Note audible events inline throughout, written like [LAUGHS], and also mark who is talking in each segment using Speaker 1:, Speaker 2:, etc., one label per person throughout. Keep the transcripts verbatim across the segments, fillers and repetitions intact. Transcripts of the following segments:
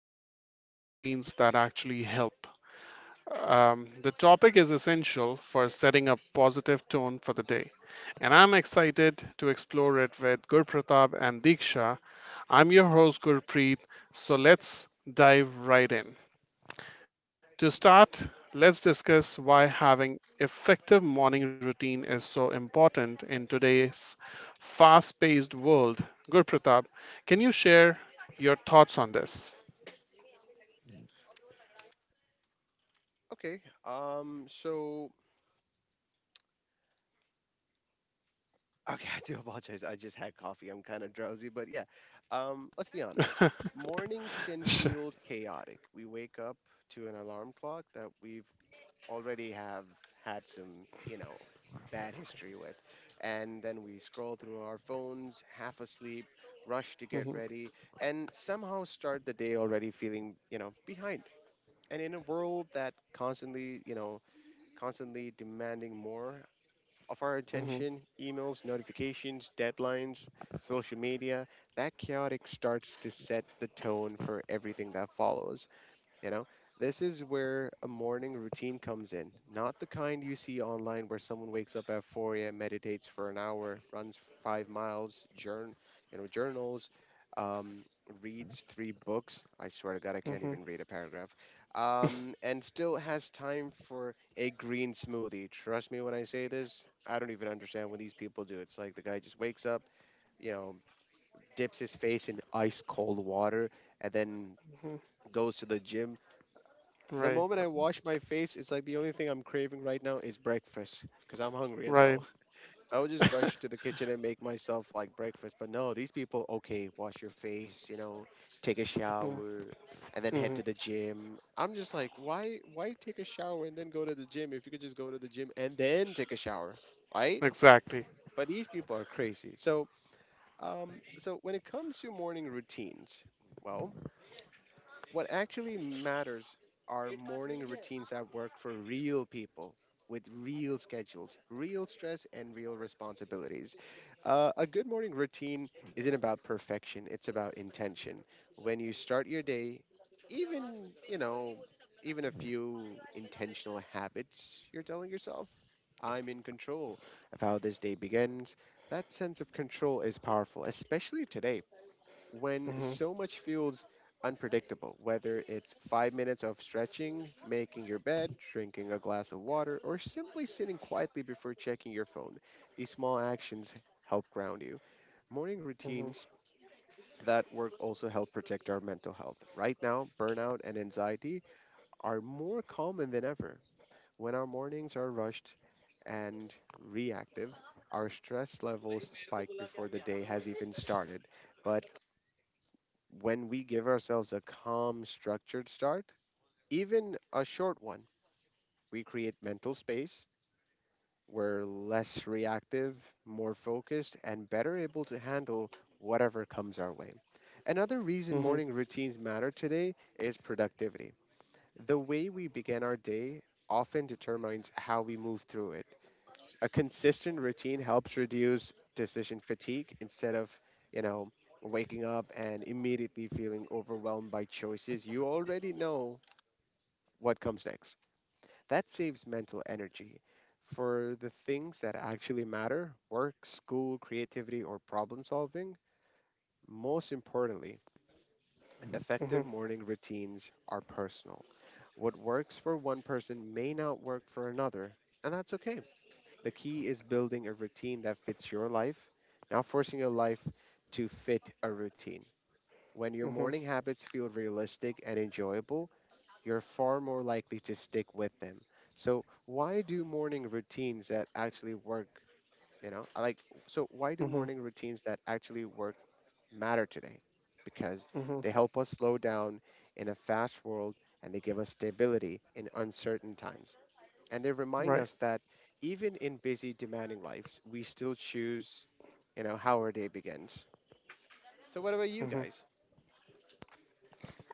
Speaker 1: discussing morning routines that actually help. Um, the topic is essential for setting a positive tone for the day, and I'm excited to explore it with Gurpratap and Diksha. I'm your host, Gurpreet, so let's dive right in. To start, let's discuss why having effective morning routine is so important in today's fast-paced world. Gurpratap, can you share your thoughts on this?
Speaker 2: Okay. Um. So. Okay. [LAUGHS] I do apologize. I just had coffee. I'm kind of drowsy, but yeah. Um. Let's be honest. Mornings can
Speaker 1: Sure.
Speaker 2: feel chaotic. We wake up to an alarm clock that we've already have had some, you know, bad history with, and then we scroll through our phones, half asleep, rush to get
Speaker 1: Hmm.
Speaker 2: ready, and somehow start the day already feeling, you know, behind. And in a world that constantly, you know, constantly demanding more, of our
Speaker 1: Hmm.
Speaker 2: attention, emails, notifications, deadlines, social media, that chaotic starts to set the tone for everything that follows. You know, this is where a morning routine comes in, not the kind you see online where someone wakes up at four a m, meditates for an hour, runs f- five miles, journ, you know, journals, um, reads three books. I swear to God, I can't
Speaker 1: Hmm.
Speaker 2: even read a paragraph, um, and still has time for a green smoothie. Trust me when I say this, I don't even understand what these people do. It's like the guy just wakes up, you know, dips his face in ice cold water, and then
Speaker 1: Hmm.
Speaker 2: goes to the gym. The
Speaker 1: Right,
Speaker 2: moment I wash my face, it's like the only thing I'm craving right now is breakfast because I'm hungry as
Speaker 1: right.
Speaker 2: hell. [LAUGHS] I would just
Speaker 1: [LAUGHS]
Speaker 2: rush to the kitchen and make myself like breakfast. But no, these people, okay, wash your face, you know, take a
Speaker 1: Hmm.
Speaker 2: shower and then head
Speaker 1: Hmm.
Speaker 2: to the gym. I'm just like, why why take a shower and then go to the gym if you could just go to the gym and then take a shower, right?
Speaker 1: Exactly.
Speaker 2: But these people are crazy. So, um so when it comes to morning routines, well, what actually matters are morning routines that work for real people with real schedules, real stress, and real responsibilities. Uh, a good morning routine isn't about perfection, it's about intention. When you start your day, even, you know, even a few intentional habits, you're telling yourself, I'm in control of how this day begins. That sense of control is powerful, especially today when
Speaker 1: Hmm.
Speaker 2: so much feels unpredictable, whether it's five minutes of stretching, making your bed, drinking a glass of water, or simply sitting quietly before checking your phone. These small actions help ground you. Morning
Speaker 1: Hmm.
Speaker 2: routines that work also help protect our mental health. Right now, burnout and anxiety are more common than ever. When our mornings are rushed and reactive, our stress levels spike before the day has even started. But when we give ourselves a calm, structured start, even a short one, we create mental space. We're less reactive, more focused, and better able to handle whatever comes our way. Another reason
Speaker 1: Hmm. Hmm.
Speaker 2: morning routines matter today is productivity. The way we begin our day often determines how we move through it. A consistent routine helps reduce decision fatigue instead of, you know, waking up and immediately feeling overwhelmed by choices. You already know what comes next. That saves mental energy for the things that actually matter: work, school, creativity, or problem solving. Most importantly,
Speaker 1: Hmm.
Speaker 2: effective morning routines are personal. What works for one person may not work for another, and that's okay. The key is building a routine that fits your life, not forcing your life to fit a routine. When your morning habits feel realistic and enjoyable, you're far more likely to stick with them. So, why do morning routines that actually work, you know, like, so why do
Speaker 1: Hmm.
Speaker 2: morning routines that actually work matter today? Because
Speaker 1: Hmm.
Speaker 2: they help us slow down in a fast world and they give us stability in uncertain times. And they remind
Speaker 1: Right.
Speaker 2: us that even in busy, demanding lives, we still choose, you know, how our day begins. So, what about
Speaker 1: Hmm.
Speaker 2: you guys?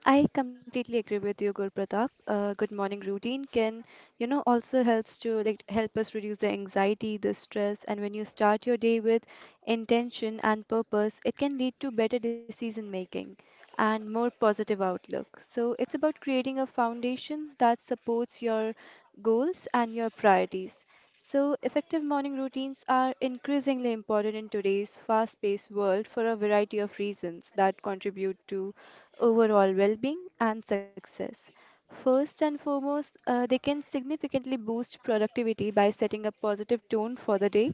Speaker 3: I completely agree with you, Gurpratap. Uh, good morning routine can, you know, also helps to like help us reduce the anxiety, the stress, and when you start your day with intention and purpose, it can lead to better decision making and more positive outlook. So it's about creating a foundation that supports your goals and your priorities. So effective morning routines are increasingly important in today's fast-paced world for a variety of reasons that contribute to overall well being and success. First and foremost, uh, they can significantly boost productivity by setting a positive tone for the day,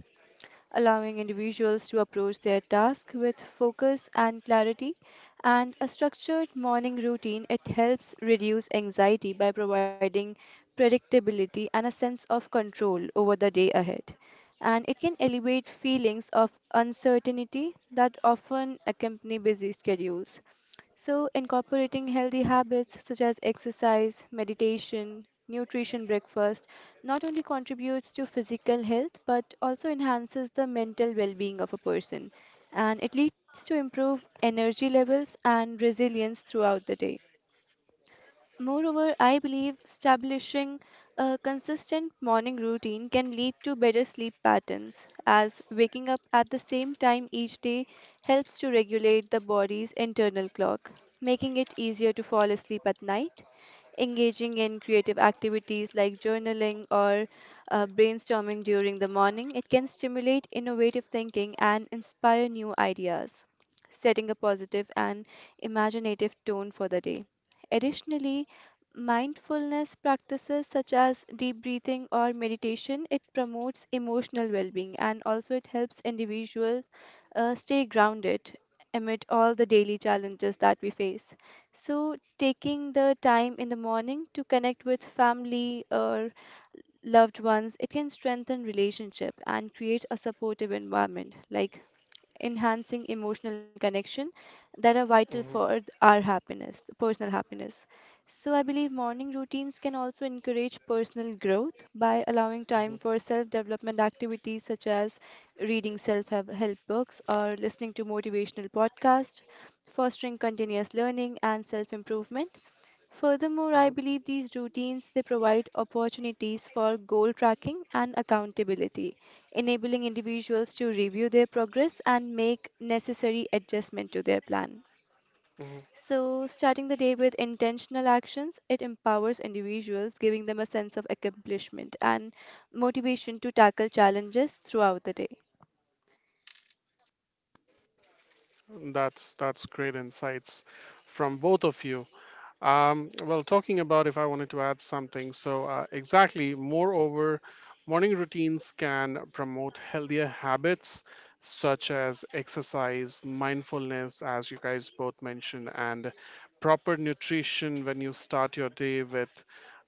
Speaker 3: allowing individuals to approach their task with focus and clarity. And a structured morning routine, it helps reduce anxiety by providing predictability and a sense of control over the day ahead. And it can alleviate feelings of uncertainty that often accompany busy schedules. So, incorporating healthy habits such as exercise, meditation, nutrition, breakfast not only contributes to physical health but also enhances the mental well being of a person and it leads to improved energy levels and resilience throughout the day. Moreover, I believe establishing a consistent morning routine can lead to better sleep patterns, as waking up at the same time each day helps to regulate the body's internal clock, making it easier to fall asleep at night. Engaging in creative activities like journaling or uh, brainstorming during the morning, it can stimulate innovative thinking and inspire new ideas, setting a positive and imaginative tone for the day. Additionally, mindfulness practices such as deep breathing or meditation, it promotes emotional well-being and also it helps individuals uh, stay grounded amid all the daily challenges that we face. So, taking the time in the morning to connect with family or loved ones, it can strengthen relationship and create a supportive environment like enhancing emotional connection that are
Speaker 1: Hmm.
Speaker 3: vital for th- our happiness, personal happiness. So, I believe morning routines can also encourage personal growth by allowing time for self development activities such as reading self help books or listening to motivational podcasts, fostering continuous learning and self improvement.
Speaker 1: Hmm.
Speaker 3: Furthermore, I believe these routines they provide opportunities for goal tracking and accountability, enabling individuals to review their progress and make necessary adjustment to their plan. So, starting the day with intentional actions, it empowers individuals, giving them a sense of accomplishment and motivation to tackle challenges throughout the day.
Speaker 1: That's that's great insights from both of you. Um, well, talking about if I wanted to add something, so uh, exactly, moreover, morning routines can promote healthier habits such as exercise, mindfulness, as you guys both mentioned, and proper nutrition when you start your day with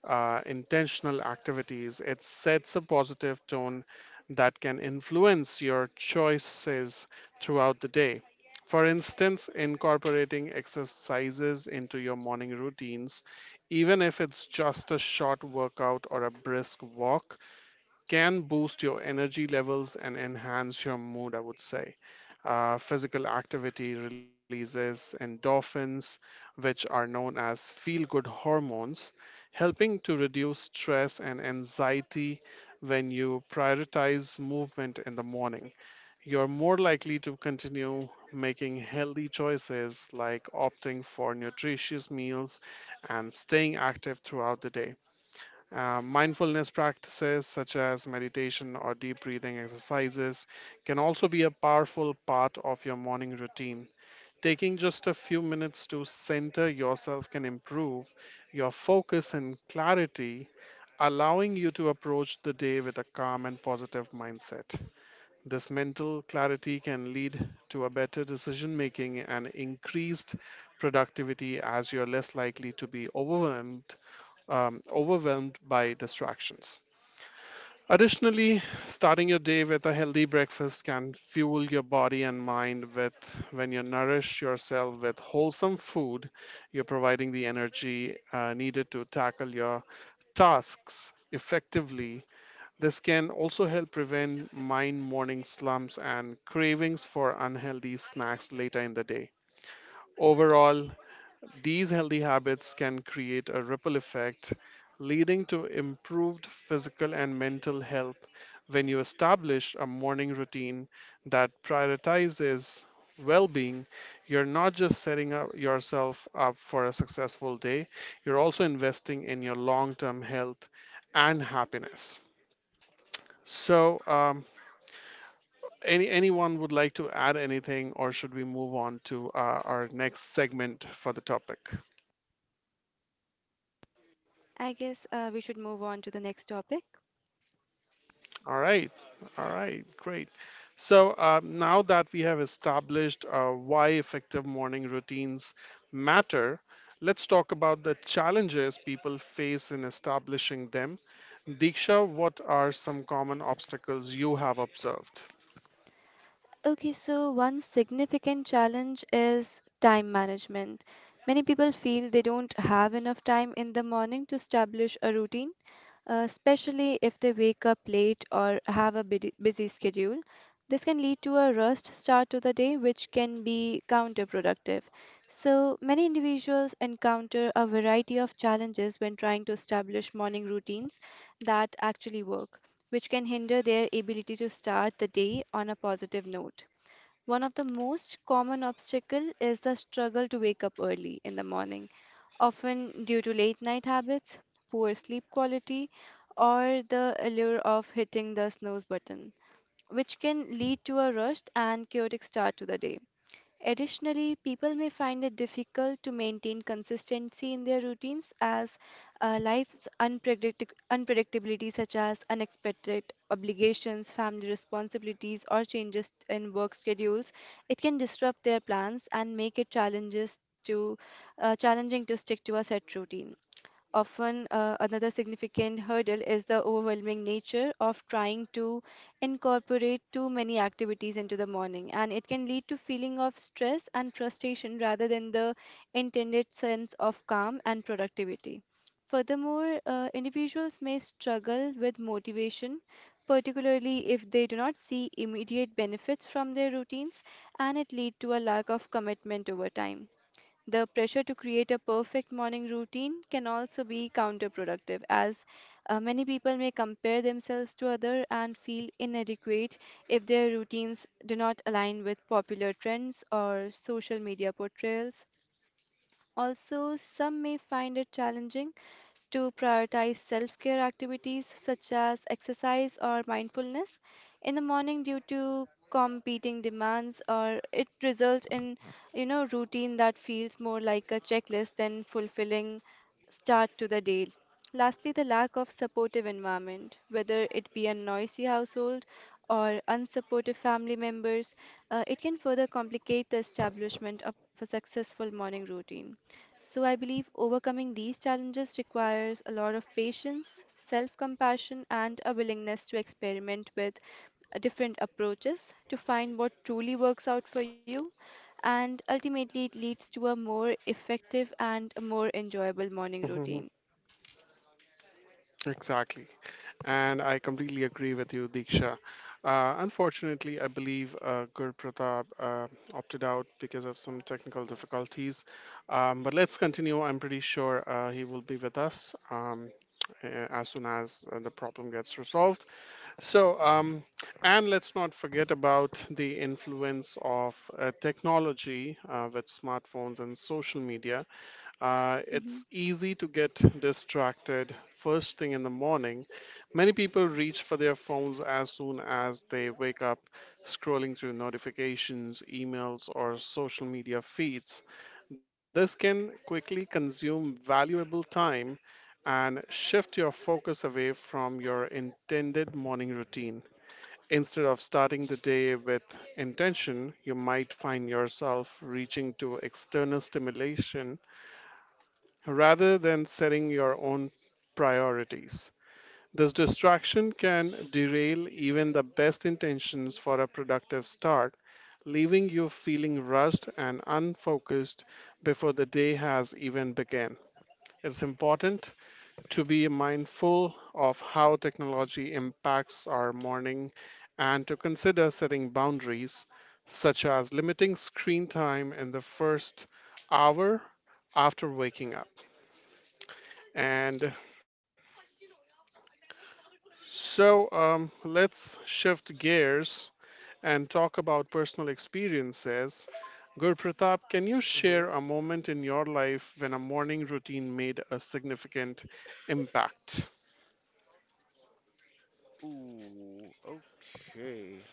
Speaker 1: uh, intentional activities. It sets a positive tone that can influence your choices throughout the day. For instance, incorporating exercises into your morning routines, even if it's just a short workout or a brisk walk, can boost your energy levels and enhance your mood, I would say. Uh, physical activity releases endorphins, which are known as feel good hormones, helping to reduce stress and anxiety when you prioritize movement in the morning. You're more likely to continue making healthy choices like opting for nutritious meals and staying active throughout the day. Uh, mindfulness practices such as meditation or deep breathing exercises can also be a powerful part of your morning routine. Taking just a few minutes to center yourself can improve your focus and clarity, allowing you to approach the day with a calm and positive mindset. This mental clarity can lead to a better decision making and increased productivity, as you're less likely to be overwhelmed, um, overwhelmed by distractions. Additionally, starting your day with a healthy breakfast can fuel your body and mind. With when you nourish yourself with wholesome food, you're providing the energy uh, needed to tackle your tasks effectively. This can also help prevent mind morning slumps and cravings for unhealthy snacks later in the day. Overall, these healthy habits can create a ripple effect, leading to improved physical and mental health when you establish a morning routine that prioritizes well being. You're not just setting up yourself up for a successful day, you're also investing in your long term health and happiness. So, um, Any anyone would like to add anything, or should we move on to uh, our next segment for the topic?
Speaker 3: I guess uh, we should move on to the next topic.
Speaker 1: All right, all right, great. So uh, now that we have established uh, why effective morning routines matter, let's talk about the challenges people face in establishing them. Diksha, what are some common obstacles you have observed?
Speaker 3: Okay, so one significant challenge is time management. Many people feel they don't have enough time in the morning to establish a routine, uh, especially if they wake up late or have a bidi- busy schedule. This can lead to a rushed start to the day, which can be counterproductive. So, many individuals encounter a variety of challenges when trying to establish morning routines that actually work which can hinder their ability to start the day on a positive note. One of the most common obstacle is the struggle to wake up early in the morning, often due to late night habits, poor sleep quality, or the allure of hitting the snooze button, which can lead to a rushed and chaotic start to the day. Additionally, people may find it difficult to maintain consistency in their routines as uh, life's unpredicti- unpredictability, such as unexpected obligations, family responsibilities, or changes in work schedules, it can disrupt their plans and make it challenges to uh, challenging to stick to a set routine. Often, uh, another significant hurdle is the overwhelming nature of trying to incorporate too many activities into the morning, and it can lead to feeling of stress and frustration rather than the intended sense of calm and productivity. Furthermore, uh, individuals may struggle with motivation, particularly if they do not see immediate benefits from their routines, and it lead to a lack of commitment over time. The pressure to create a perfect morning routine can also be counterproductive, as uh, many people may compare themselves to others and feel inadequate if their routines do not align with popular trends or social media portrayals. Also, some may find it challenging to prioritize self care activities such as exercise or mindfulness in the morning due to competing demands, or it results in, you know, routine that feels more like a checklist than fulfilling start to the day. Lastly, the lack of supportive environment, whether it be a noisy household or unsupportive family members, uh, it can further complicate the establishment of a successful morning routine. So I believe overcoming these challenges requires a lot of patience, self compassion, and a willingness to experiment with uh, different approaches to find what truly works out for you. And ultimately, it leads to a more effective and a more enjoyable morning
Speaker 1: Mhm.
Speaker 3: routine.
Speaker 1: Exactly. And I completely agree with you, Diksha. Uh, unfortunately, I believe uh, Gur Pratap uh, opted out because of some technical difficulties. Um, but let's continue. I'm pretty sure uh, he will be with us um, a- as soon as uh, the problem gets resolved. So, um, and let's not forget about the influence of uh, technology uh, with smartphones and social media. Uh, it's
Speaker 3: Mhm.
Speaker 1: easy to get distracted first thing in the morning. Many people reach for their phones as soon as they wake up, scrolling through notifications, emails, or social media feeds. This can quickly consume valuable time and shift your focus away from your intended morning routine. Instead of starting the day with intention, you might find yourself reaching to external stimulation rather than setting your own priorities. This distraction can derail even the best intentions for a productive start, leaving you feeling rushed and unfocused before the day has even begun. It's important to be mindful of how technology impacts our morning and to consider setting boundaries, such as limiting screen time in the first hour after waking up. And So um, let's shift gears and talk about personal experiences. Gurpratap, can you
Speaker 2: Mm-hmm.
Speaker 1: share a moment in your life when a morning routine made a significant impact?
Speaker 2: Ooh, okay.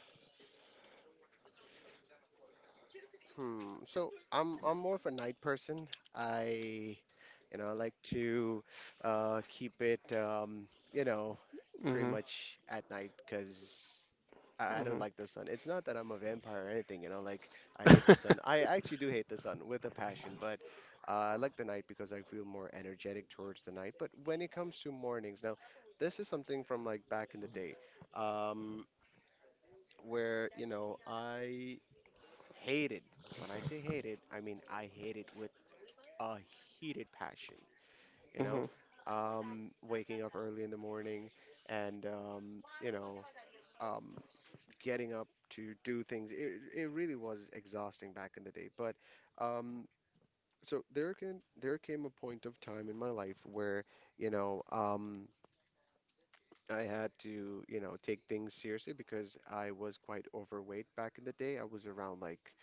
Speaker 2: Hmm. So I'm I'm more of a night person. I, you know, I like to uh keep it um, you know, pretty
Speaker 1: Hmm.
Speaker 2: much at night because I, I don't
Speaker 1: Hmm.
Speaker 2: like the sun. It's not that I'm a vampire or anything, you know, like I hate the sun. I actually do hate the sun with a passion, but uh, I like the night because I feel more energetic towards the night. But when it comes to mornings, now this is something from like back in the day. Um, where, you know, I hated. When I say hated, I mean I hated with a heated passion, you know?
Speaker 1: Hmm.
Speaker 2: Um, waking up early in the morning and, um, you know, um, getting up to do things. It, it really was exhausting back in the day. But um, so there can, there came a point of time in my life where, you know, um, I had to, you know, take things seriously because I was quite overweight back in the day. I was around like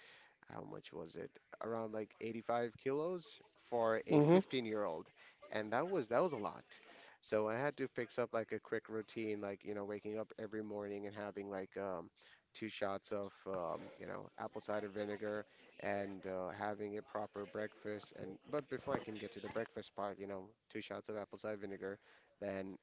Speaker 2: how much was it? Around like eighty-five kilos for a
Speaker 1: Hmm.
Speaker 2: fifteen-year-old. And that was that was a lot. So I had to fix up like a quick routine, like, you know, waking up every morning and having like um, two shots of, um, you know, apple cider vinegar and uh, having a proper breakfast. And but before I can get to the breakfast part, you know, two shots of apple cider vinegar, then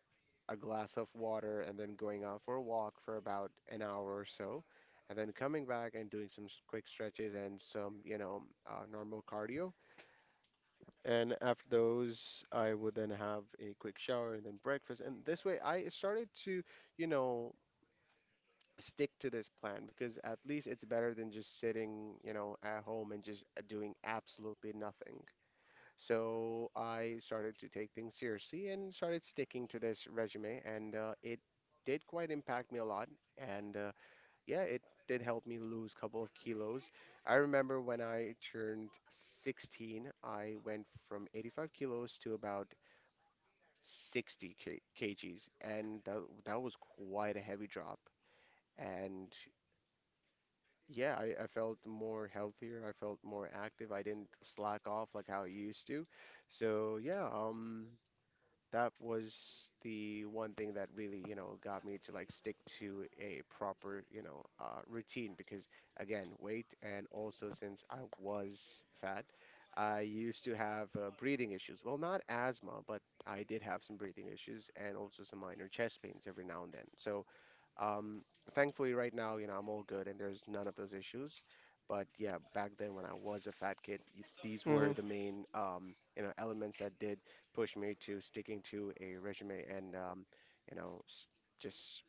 Speaker 2: a glass of water, and then going out for a walk for about an hour or so, and then coming back and doing some s- quick stretches and some, you know, uh, normal cardio. And after those, I would then have a quick shower and then breakfast. And this way, I started to, you know, stick to this plan because at least it's better than just sitting, you know, at home and just doing absolutely nothing. So I started to take things seriously and started sticking to this resume, and uh, it did quite impact me a lot. And uh, yeah, it did help me lose a couple of kilos. I remember when I turned sixteen, I went from eighty-five kilos to about sixty k- kgs, and that, that was quite a heavy drop. And yeah, I, I felt more healthier, I felt more active, I didn't slack off like how I used to. So yeah, um. that was the one thing that really, you know, got me to like stick to a proper, you know, uh, routine because again, weight and also since I was fat, I used to have uh, breathing issues. Well, not asthma, but I did have some breathing issues and also some minor chest pains every now and then. So um, thankfully, right now, you know, I'm all good and there's none of those issues. But yeah, back then when I was a fat kid, y- these were
Speaker 1: Hmm.
Speaker 2: the main, um, you know, elements that did push me to sticking to a resume and, um, you know, s- just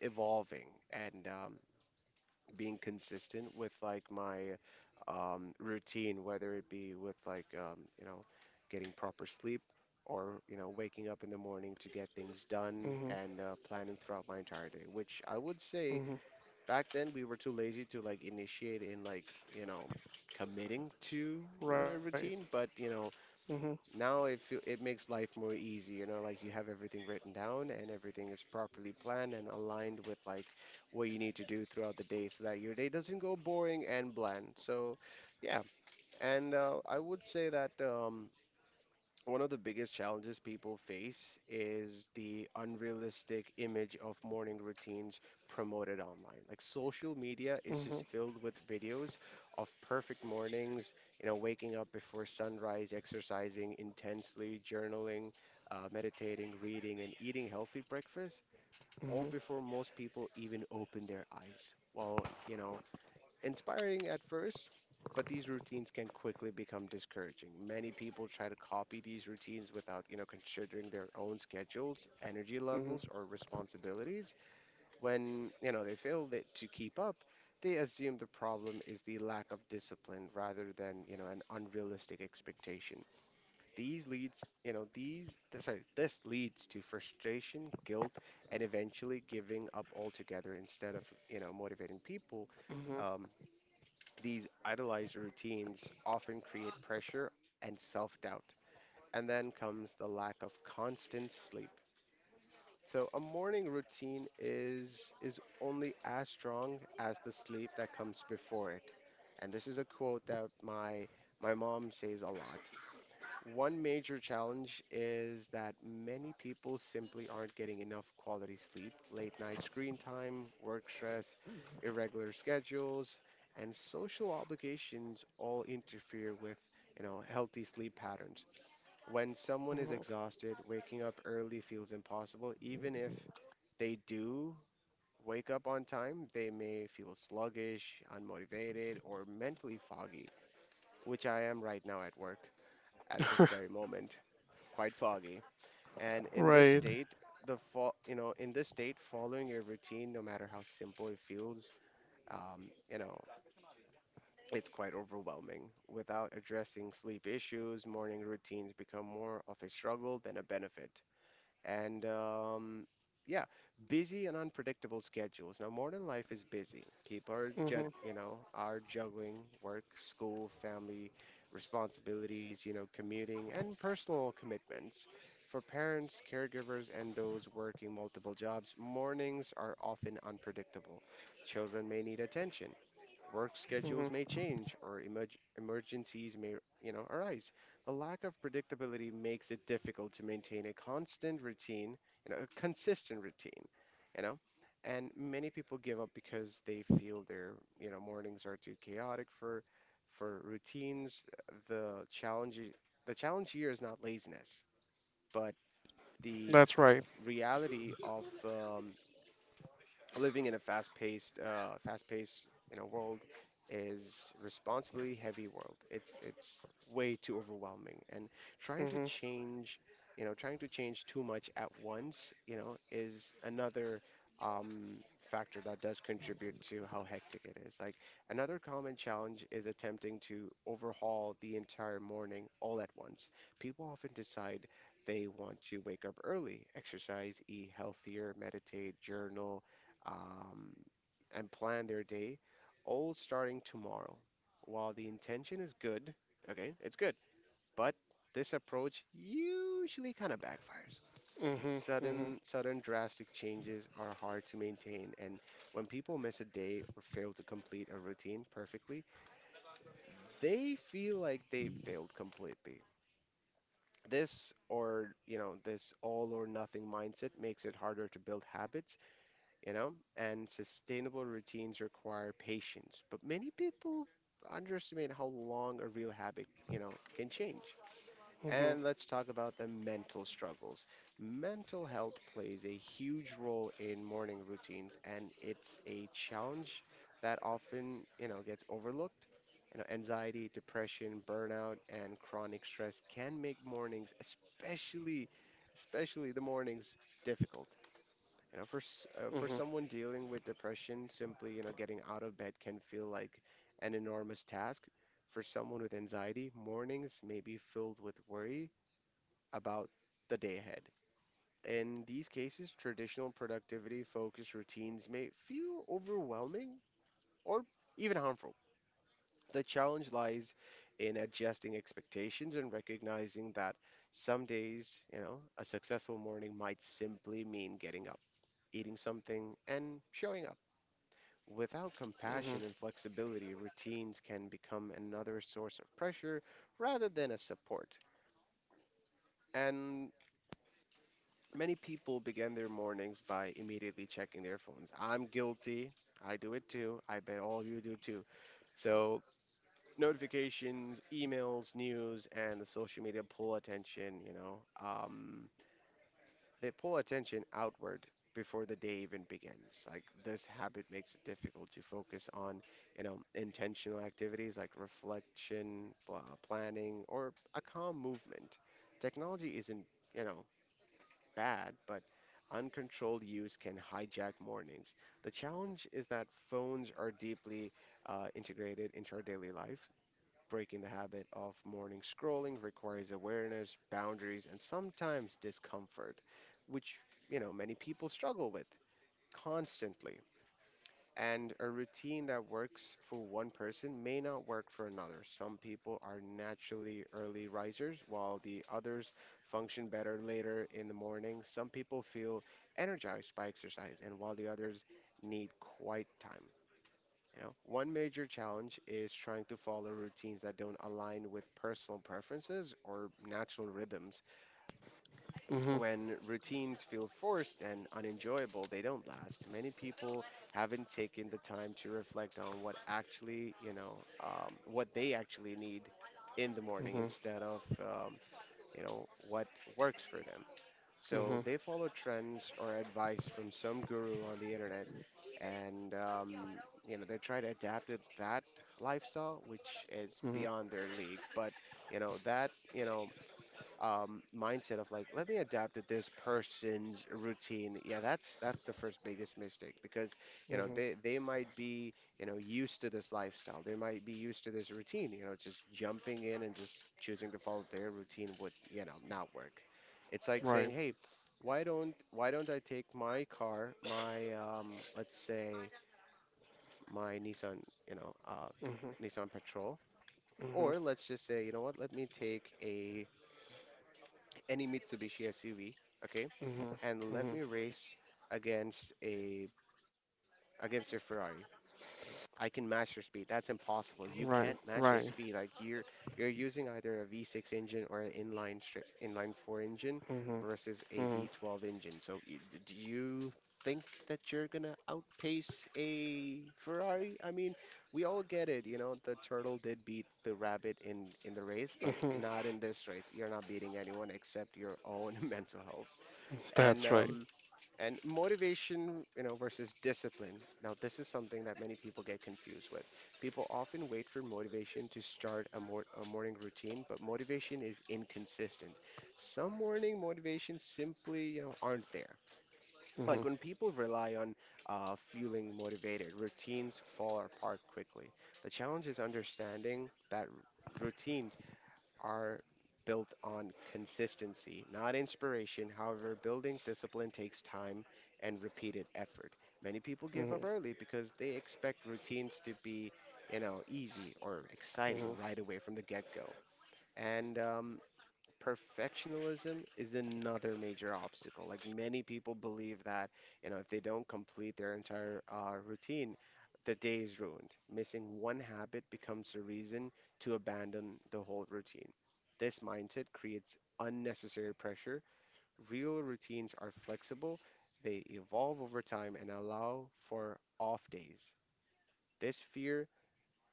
Speaker 2: evolving and um, being consistent with like my um, routine, whether it be with like, um, you know, getting proper sleep or you know waking up in the morning to get things done
Speaker 1: Hmm.
Speaker 2: and uh, planning throughout my entire day, which I would say
Speaker 1: Hmm.
Speaker 2: back then we were too lazy to like initiate in like you know committing to
Speaker 1: [LAUGHS]
Speaker 2: you know a
Speaker 1: Right.
Speaker 2: routine. But you know
Speaker 1: Hmm.
Speaker 2: now it feel, it makes life more easy, you know like you have everything written down and everything is properly planned and aligned with like what you need to do throughout the day so that your day doesn't go boring and bland. So yeah. And uh, I would say that um one of the biggest challenges people face is the unrealistic image of morning routines promoted online. Like social media is just
Speaker 1: Hmm.
Speaker 2: filled with videos of perfect mornings, you know, waking up before sunrise, exercising intensely, journaling, uh, meditating, reading, and eating healthy breakfast, all
Speaker 1: Hmm.
Speaker 2: before most people even open their eyes. While, you know, inspiring at first, but these routines can quickly become discouraging. Many people try to copy these routines without, you know, considering their own schedules, energy
Speaker 1: Hmm.
Speaker 2: levels, or responsibilities. When, you know, they fail that to keep up, they assume the problem is the lack of discipline rather than, you know, an unrealistic expectation. These leads, you know, these, th- sorry, this leads to frustration, guilt, and eventually giving up altogether instead of, you know, motivating people.
Speaker 1: Hmm.
Speaker 2: Um, these idolized routines often create pressure and self doubt, and then comes the lack of constant sleep. So, a morning routine is, is only as strong as the sleep that comes before it. And this is a quote that my, my mom says a lot. One major challenge is that many people simply aren't getting enough quality sleep. Late night screen time, work stress, irregular schedules, and social obligations all interfere with, you know, healthy sleep patterns. When someone is exhausted, waking up early feels impossible. Even if they do wake up on time, they may feel sluggish, unmotivated, or mentally foggy, which I am right now at work at this very
Speaker 1: [LAUGHS]
Speaker 2: moment, quite foggy. And in this
Speaker 1: Right.
Speaker 2: state, the fo- you know, in this state, following your routine, no matter how simple it feels, um, you know, it's quite overwhelming. Without addressing sleep issues, morning routines become more of a struggle than a benefit. And um, yeah, busy and unpredictable schedules. Now, modern life is busy. People are ju
Speaker 1: Hmm.
Speaker 2: you know, are juggling work, school, family responsibilities, you know, commuting and personal commitments. For parents, caregivers, and those working multiple jobs, mornings are often unpredictable. Children may need attention. Work schedules may
Speaker 1: Hmm.
Speaker 2: change or emerg emergencies may, you know, arise. The lack of predictability makes it difficult to maintain a constant routine, you know, a consistent routine, you know. And many people give up because they feel their, you know, mornings are too chaotic for for routines. The challenge i- the challenge here is not laziness, but the
Speaker 1: That's right.
Speaker 2: reality of um, living in a fast-paced, uh, fast-paced, you know, world is responsibly heavy world. It's it's way too overwhelming, and trying
Speaker 1: Hmm.
Speaker 2: to
Speaker 1: Hmm.
Speaker 2: change, you know, trying to change too much at once, you know, is another um, factor that does contribute to how hectic it is. Like another common challenge is attempting to overhaul the entire morning all at once. People often decide they want to wake up early, exercise, eat healthier, meditate, journal, um, and plan their day, all starting tomorrow. While the intention is good, okay, it's good, but this approach usually kind of backfires.
Speaker 1: Hmm.
Speaker 2: Sudden,
Speaker 1: Hmm.
Speaker 2: sudden, drastic changes are hard to maintain, and when people miss a day or fail to complete a routine perfectly, they feel like they failed completely. This or, you know, this all or nothing mindset makes it harder to build habits, you know, and sustainable routines require patience. But many people underestimate how long a real habit, you know, can change.
Speaker 1: Hmm.
Speaker 2: And let's talk about the mental struggles. Mental health plays a huge role in morning routines, and it's a challenge that often, you know, gets overlooked. You know, anxiety, depression, burnout, and chronic stress can make mornings, especially, especially the mornings, difficult. You know, for s- uh, for someone dealing with depression, simply, you know, getting out of bed can feel like an enormous task. For someone with anxiety, mornings may be filled with worry about the day ahead. In these cases, traditional productivity focused routines may feel overwhelming or even harmful. The challenge lies in adjusting expectations and recognizing that some days, you know, a successful morning might simply mean getting up, eating something, and showing up. Without compassion and flexibility, routines can become another source of pressure rather than a support. And many people begin their mornings by immediately checking their phones. I'm guilty. I do it too. I bet all of you do too. So, notifications, emails, news, and the social media pull attention, you know. Um, They pull attention outward before the day even begins. Like this habit makes it difficult to focus on, you know, intentional activities like reflection, pl- planning, or a calm movement. Technology isn't, you know, bad, but uncontrolled use can hijack mornings. The challenge is that phones are deeply uh, integrated into our daily life. Breaking the habit of morning scrolling requires awareness, boundaries, and sometimes discomfort, which, you know, many people struggle with constantly. And a routine that works for one person may not work for another. Some people are naturally early risers, while the others function better later in the morning. Some people feel energized by exercise, and while the others need quiet time. You know, one major challenge is trying to follow routines that don't align with personal preferences or natural rhythms.
Speaker 1: Hmm.
Speaker 2: When routines feel forced and unenjoyable, they don't last. Many people haven't taken the time to reflect on what actually, you know, um, what they actually need in the morning
Speaker 1: Hmm.
Speaker 2: instead of, um, you know, what works for them. So
Speaker 1: Hmm.
Speaker 2: they follow trends or advice from some guru on the internet, and um, you know, they try to adapt it that lifestyle, which is
Speaker 1: Hmm.
Speaker 2: beyond their league. But you know that you know um, mindset of like, let me adapt to this person's routine. Yeah, that's that's the first biggest mistake because you know
Speaker 1: Hmm.
Speaker 2: they they might be you know used to this lifestyle. They might be used to this routine. You know, just jumping in and just choosing to follow their routine would you know not work. It's like
Speaker 1: Right.
Speaker 2: saying, hey, why don't why don't I take my car, my um, let's say my Nissan, you know, uh,
Speaker 1: Hmm.
Speaker 2: Nissan Patrol, or
Speaker 1: Hmm.
Speaker 2: let's just say, you know what, let me take a any Mitsubishi S U V, okay?
Speaker 1: Hmm.
Speaker 2: And let me
Speaker 1: Hmm.
Speaker 2: race against a against a Ferrari. I can match your speed. That's impossible. You
Speaker 1: Right.
Speaker 2: can't match your
Speaker 1: Right.
Speaker 2: speed. Like you're you're using either a V six engine or an inline stri inline four engine
Speaker 1: Hmm.
Speaker 2: versus a
Speaker 1: Hmm.
Speaker 2: V twelve engine. So y- d- do you think that you're gonna outpace a Ferrari? I mean, we all get it. You know, the turtle did beat the rabbit in in the race, but
Speaker 1: Hmm.
Speaker 2: not in this race. You're not beating anyone except your own [LAUGHS] mental health and
Speaker 1: That's
Speaker 2: um,
Speaker 1: right.
Speaker 2: and motivation, you know, versus discipline. Now this is something that many people get confused with. People often wait for motivation to start a, mor- a morning routine, but motivation is inconsistent. Some morning motivations simply you know aren't there. Like when
Speaker 1: Hmm.
Speaker 2: people rely on uh, feeling motivated, routines fall apart quickly. The challenge is understanding that r- routines are built on consistency, not inspiration. However, building discipline takes time and repeated effort. Many people give up
Speaker 1: Hmm.
Speaker 2: early because they expect routines to be, you know, easy or exciting
Speaker 1: Hmm.
Speaker 2: right
Speaker 1: Hmm.
Speaker 2: away from the get go. And um, Perfectionism is another major obstacle. Like many people believe that, you know, if they don't complete their entire uh, routine, the day is ruined. Missing one habit becomes a reason to abandon the whole routine. This mindset creates unnecessary pressure. Real routines are flexible, they evolve over time and allow for off days. This fear,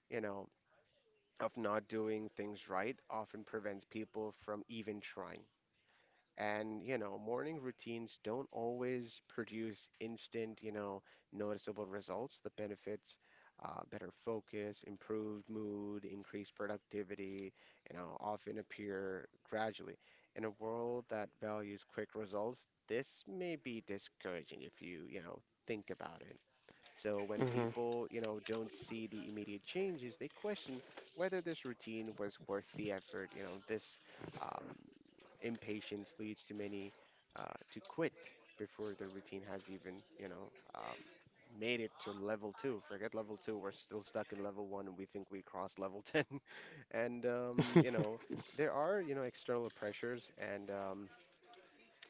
Speaker 2: you know, of not doing things right often prevents people from even trying. And, you know, morning routines don't always produce instant, you know, noticeable results. The benefits, uh, better focus, improved mood, increased productivity, you know, often appear gradually. In a world that values quick results, this may be discouraging if you, you know, think about it. So when people, you know, don't see the immediate changes, they question whether this routine was worth the effort. You know, this um, impatience leads to many uh, to quit before the routine has even, you know, um, made it to level two. Forget level two, we're still stuck in level one, and we think we crossed level ten. [LAUGHS] And um, you know,
Speaker 1: Mhm.
Speaker 2: there are, you know, external pressures and um,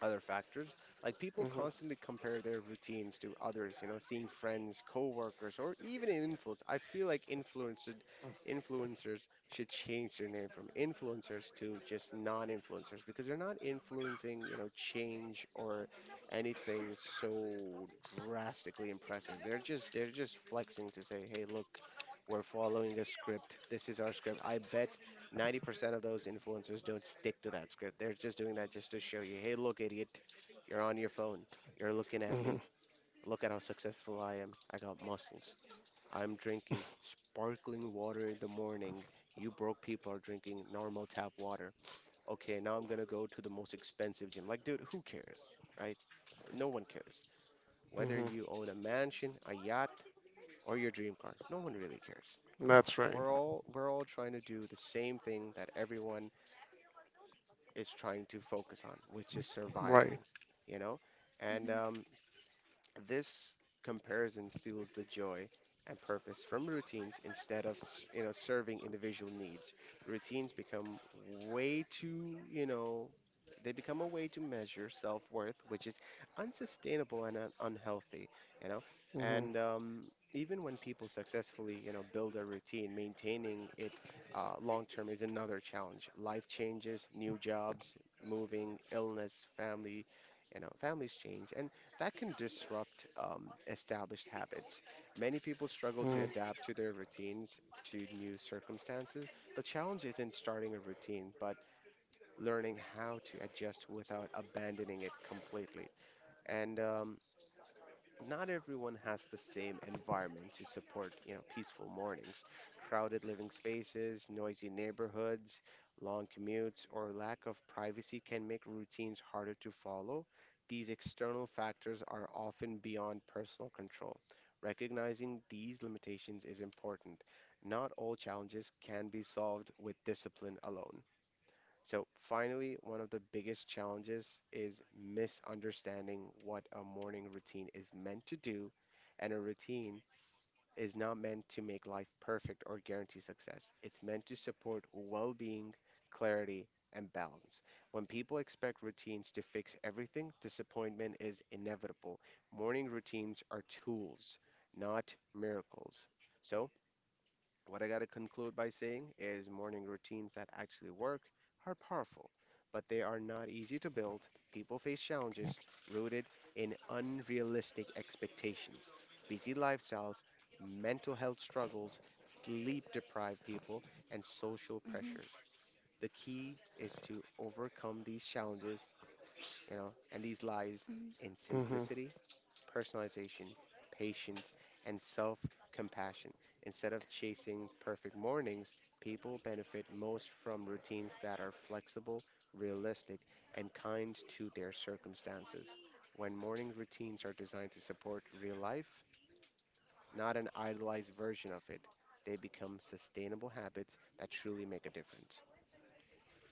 Speaker 2: other factors. Like people constantly compare their routines to others, you know, seeing friends, coworkers, or even in influence. I feel like influenced influencers should change their name from influencers to just non-influencers because they're not influencing, you know, change or anything so drastically impressive. They're just they're just flexing to say, "Hey, look, we're following a script. This is our script." I bet ninety percent of those influencers don't stick to that script. They're just doing that just to show you, hey, look, idiot, you're on your phone. You're looking at me.
Speaker 1: Mhm.
Speaker 2: Look at how successful I am. I got muscles. I'm drinking sparkling water in the morning. You broke people are drinking normal tap water. Okay, now I'm going to go to the most expensive gym. Like, dude, who cares, right? No one cares. Whether
Speaker 1: Mhm.
Speaker 2: you own a mansion, a yacht, or your dream car, no one really cares.
Speaker 1: [LAUGHS] That's
Speaker 2: We're
Speaker 1: right.
Speaker 2: all we're all trying to do the same thing that everyone is trying to focus on, which is survival,
Speaker 1: Right.
Speaker 2: you know? And um, This comparison steals the joy and purpose from routines instead of s- you know serving individual needs. Routines become way too you know they become a way to measure self-worth, which is unsustainable and un- unhealthy. You know, and
Speaker 1: Mhm.
Speaker 2: um, Even when people successfully you know build a routine, maintaining it uh, long term is another challenge. Life changes, new jobs, moving, illness, family. You know, families change, and that can disrupt um, established habits. Many people struggle
Speaker 1: Mhm.
Speaker 2: to adapt to their routines to new circumstances. The challenge isn't starting a routine, but learning how to adjust without abandoning it completely. And um, Not everyone has the same environment to support, you know, peaceful mornings. Crowded living spaces, noisy neighborhoods, long commutes, or lack of privacy can make routines harder to follow. These external factors are often beyond personal control. Recognizing these limitations is important. Not all challenges can be solved with discipline alone. So, finally, one of the biggest challenges is misunderstanding what a morning routine is meant to do. And a routine is not meant to make life perfect or guarantee success, it's meant to support well being, clarity, and balance. When people expect routines to fix everything, disappointment is inevitable. Morning routines are tools, not miracles. So, what I gotta conclude by saying is morning routines that actually work are powerful, but they are not easy to build. People face challenges rooted in unrealistic expectations, busy lifestyles, mental health struggles, sleep deprived people, and social pressures. The key is to overcome these challenges, you know, and these lies in
Speaker 1: Mhm.
Speaker 2: simplicity personalization, patience, and self compassion. Instead of chasing perfect mornings, people benefit most from routines that are flexible, realistic, and kind to their circumstances. When morning routines are designed to support real life, not an idealized version of it, they become sustainable habits that truly make a difference.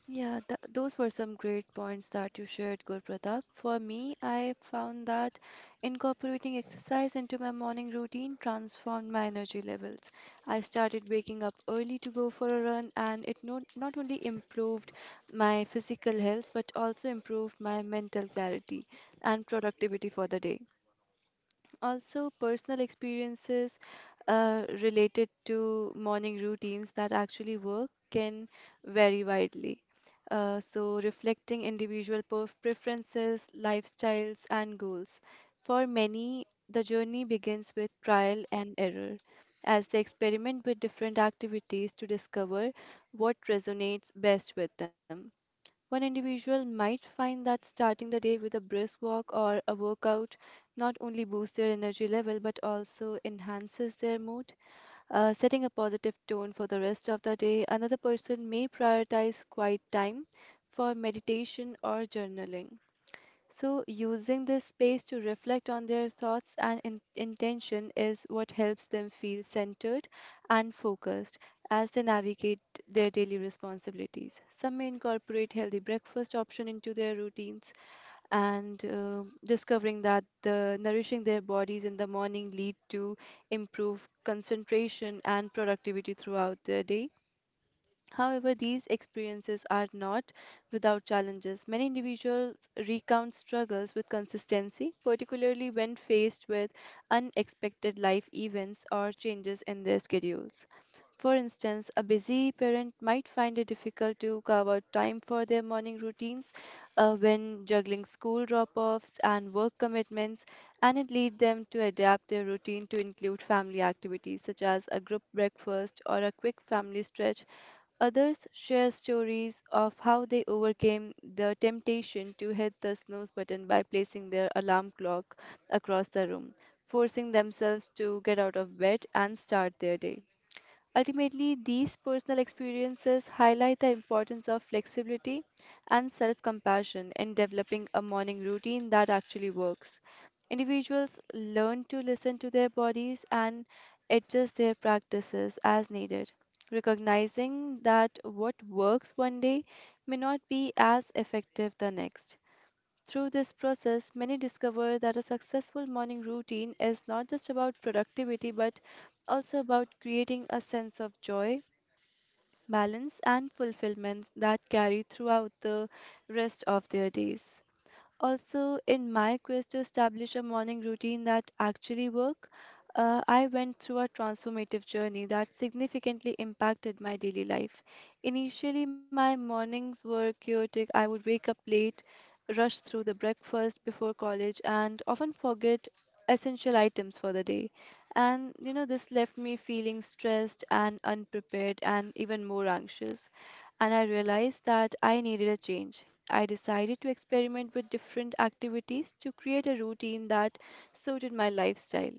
Speaker 3: Yeah, th those were some great points that you shared, Gurpratap. For me, I found that incorporating exercise into my morning routine transformed my energy levels. I started waking up early to go for a run, and it not, not only improved my physical health but also improved my mental clarity and productivity for the day also personal experiences uh, related to morning routines that actually work can vary widely. Uh, so, reflecting individual perf- preferences, lifestyles, and goals. For many, the journey begins with trial and error as they experiment with different activities to discover what resonates best with them. One individual might find that starting the day with a brisk walk or a workout not only boosts their energy level but also enhances their mood, uh, setting a positive tone for the rest of the day. Another person may prioritize quiet time for meditation or journaling. So, using this space to reflect on their thoughts and in- intention is what helps them feel centered and focused as they navigate their daily responsibilities. Some may incorporate healthy breakfast option into their routines and uh, discovering that the nourishing their bodies in the morning lead to improved concentration and productivity throughout the day. However, these experiences are not without challenges. Many individuals recount struggles with consistency, particularly when faced with unexpected life events or changes in their schedules. For instance, a busy parent might find it difficult to carve out time for their morning routines uh, when juggling school drop offs and work commitments, and it leads them to adapt their routine to include family activities such as a group breakfast or a quick family stretch. Others share stories of how they overcame the temptation to hit the snooze button by placing their alarm clock across the room, forcing themselves to get out of bed and start their day. Ultimately, these personal experiences highlight the importance of flexibility and self compassion in developing a morning routine that actually works. Individuals learn to listen to their bodies and adjust their practices as needed, recognizing that what works one day may not be as effective the next. Through this process, many discover that a successful morning routine is not just about productivity but also about creating a sense of joy, balance, and fulfillment that carry throughout the rest of their days. Also, in my quest to establish a morning routine that actually work, uh, I went through a transformative journey that significantly impacted my daily life. Initially, my mornings were chaotic. I would wake up late, rush through the breakfast before college, and often forget essential items for the day. And you know, this left me feeling stressed and unprepared and even more anxious and I realized that I needed a change. I decided to experiment with different activities to create a routine that suited my lifestyle.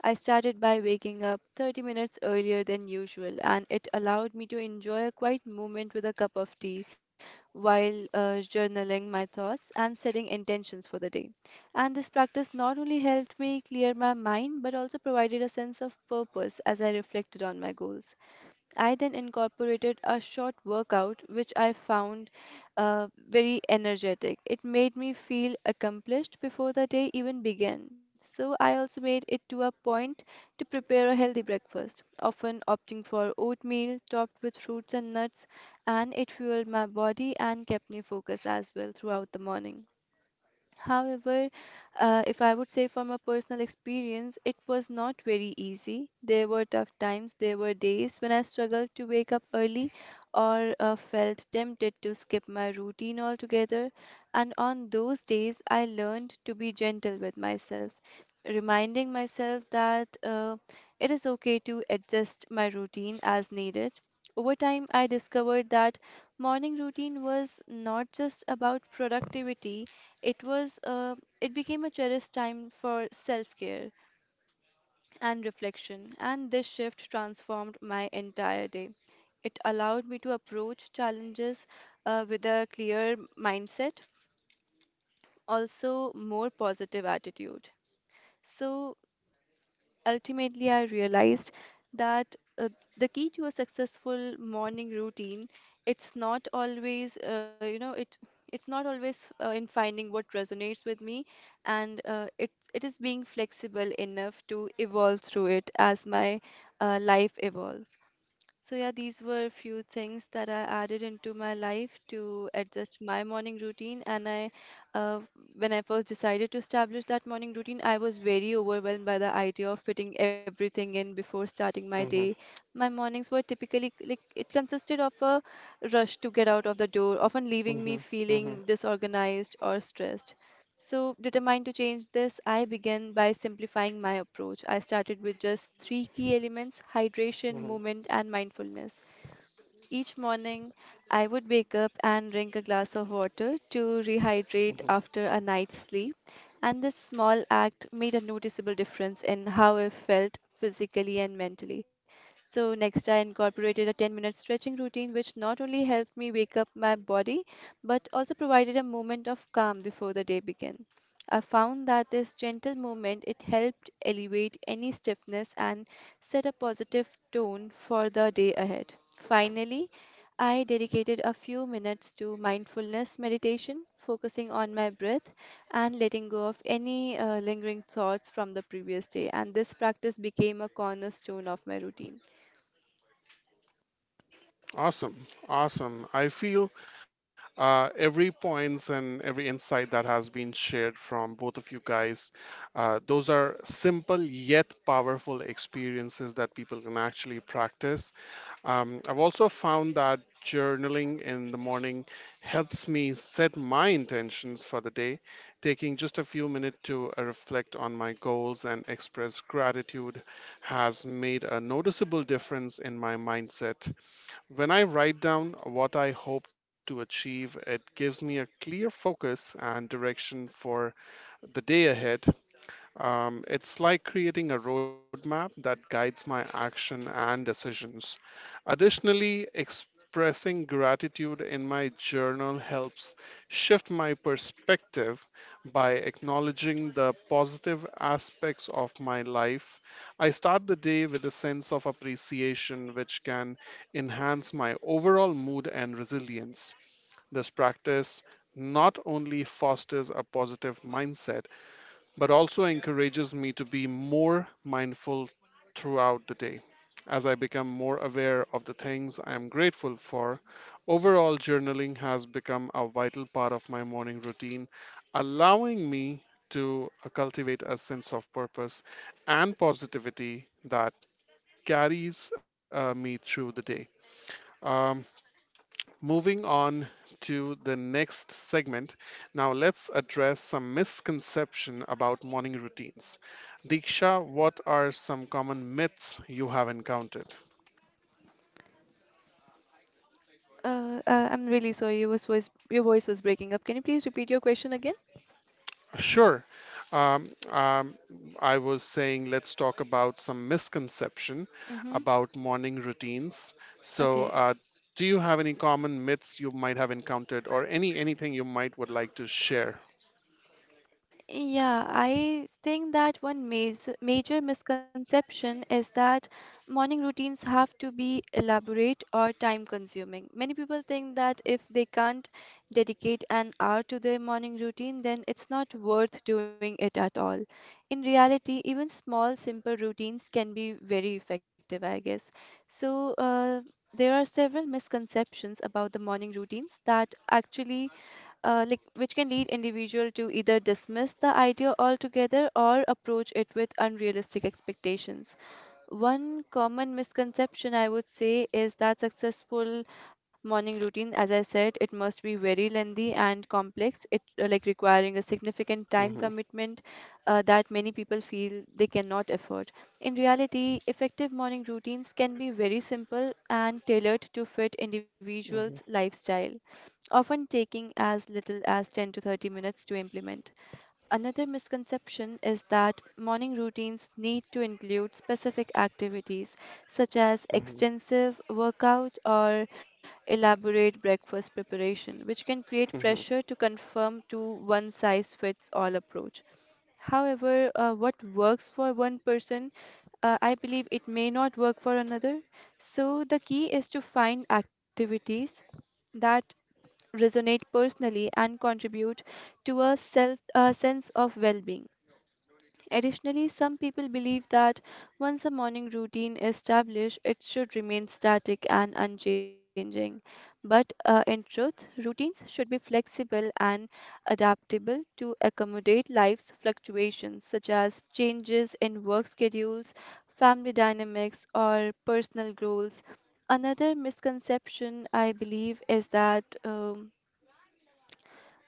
Speaker 3: I started by waking up thirty minutes earlier than usual, and it allowed me to enjoy a quiet moment with a cup of tea while uh, journaling my thoughts and setting intentions for the day. And this practice not only helped me clear my mind but also provided a sense of purpose as I reflected on my goals. I then incorporated a short workout, which I found uh, very energetic. It made me feel accomplished before the day even began. So I also made it to a point to prepare a healthy breakfast, often opting for oatmeal topped with fruits and nuts, and it fueled my body and kept me focused as well throughout the morning. However, uh, if I would say from a personal experience, it was not very easy. There were tough times, there were days when I struggled to wake up early or uh, felt tempted to skip my routine altogether. And on those days, I learned to be gentle with myself, reminding myself that uh, it is okay to adjust my routine as needed. Over time, I discovered that morning routine was not just about productivity it was uh, it became a cherished time for self-care and reflection, and this shift transformed my entire day. It allowed me to approach challenges uh, with a clear mindset, also more positive attitude. So ultimately, I realized that uh, the key to a successful morning routine, it's not always, uh, you know, it it's not always uh, in finding what resonates with me, and uh, it it is being flexible enough to evolve through it as my uh, life evolves. So, yeah, these were few things that I added into my life to adjust my morning routine. And I, uh, when I first decided to establish that morning routine, I was very overwhelmed by the idea of fitting everything in before starting my day.
Speaker 1: Mhm.
Speaker 3: My mornings were typically like it consisted of a rush to get out of the door, often leaving me
Speaker 1: Mhm.
Speaker 3: feeling
Speaker 1: Mhm.
Speaker 3: disorganized or stressed. So, determined to change this, I began by simplifying my approach. I started with just three key elements: hydration, movement,
Speaker 1: Mhm.
Speaker 3: and mindfulness. Each morning, I would wake up and drink a glass of water to rehydrate
Speaker 1: Mhm.
Speaker 3: after a night's sleep. And this small act made a noticeable difference in how I felt physically and mentally. So, next, I incorporated a ten minute stretching routine, which not only helped me wake up my body but also provided a moment of calm before the day began. I found that this gentle movement it helped elevate any stiffness and set a positive tone for the day ahead. Finally, I dedicated a few minutes to mindfulness meditation, focusing on my breath and letting go of any uh, lingering thoughts from the previous day. And this practice became a cornerstone of my routine.
Speaker 1: Awesome. Awesome. I feel uh, every points and every insight that has been shared from both of you guys uh, those are simple yet powerful experiences that people can actually practice. Um, i've also found that journaling in the morning helps me set my intentions for the day, taking just a few minutes to uh, reflect on my goals and express gratitude has made a noticeable difference in my mindset. When I write down what I hope to achieve, it gives me a clear focus and direction for the day ahead. Um, it's like creating a roadmap that guides my action and decisions. Additionally, expressing gratitude in my journal helps shift my perspective by acknowledging the positive aspects of my life. I start the day with a sense of appreciation, which can enhance my overall mood and resilience. This practice not only fosters a positive mindset, but also encourages me to be more mindful throughout the day. As I become more aware of the things I am grateful for, overall journaling has become a vital part of my morning routine, allowing me to uh, cultivate a sense of purpose and positivity that carries uh, me through the day. Um, Moving on to the next segment, now let's address some misconception about morning routines. Diksha, what are some common myths you have encountered?
Speaker 3: Uh, uh, I'm really sorry, your voice, your voice was breaking up. Can you please repeat your question again?
Speaker 1: Sure. Um, um, I was saying, let's talk about some misconception
Speaker 3: Mm-hmm.
Speaker 1: about morning routines. So,
Speaker 3: Okay.
Speaker 1: uh, do you have any common myths you might have encountered, or any anything you might would like to share?
Speaker 3: Yeah, I think that one major, major misconception is that morning routines have to be elaborate or time consuming. Many people think that if they can't dedicate an hour to their morning routine, then it's not worth doing it at all. In reality, even small, simple routines can be very effective, I guess. So, uh, there are several misconceptions about the morning routines that actually uh, like which can lead individual to either dismiss the idea altogether or approach it with unrealistic expectations. One common misconception I would say is that successful morning routine, as I said, it must be very lengthy and complex. It uh, like requiring a significant time
Speaker 1: Hmm.
Speaker 3: commitment uh, that many people feel they cannot afford. In reality, effective morning routines can be very simple and tailored to fit
Speaker 1: Hmm.
Speaker 3: individuals' lifestyle, often taking as little as ten to thirty minutes to implement. Another misconception is that morning routines need to include specific activities such as
Speaker 1: Hmm.
Speaker 3: extensive workout or elaborate breakfast preparation, which can create pressure to conform to one size fits all approach. However, uh, what works for one person, uh, I believe it may not work for another. So, the key is to find activities that resonate personally and contribute to a self, a sense of well being. Additionally, some people believe that once a morning routine is established, it should remain static and unchanging. But uh, in truth, routines should be flexible and adaptable to accommodate life's fluctuations, such as changes in work schedules, family dynamics, or personal goals. Another misconception I believe is that um,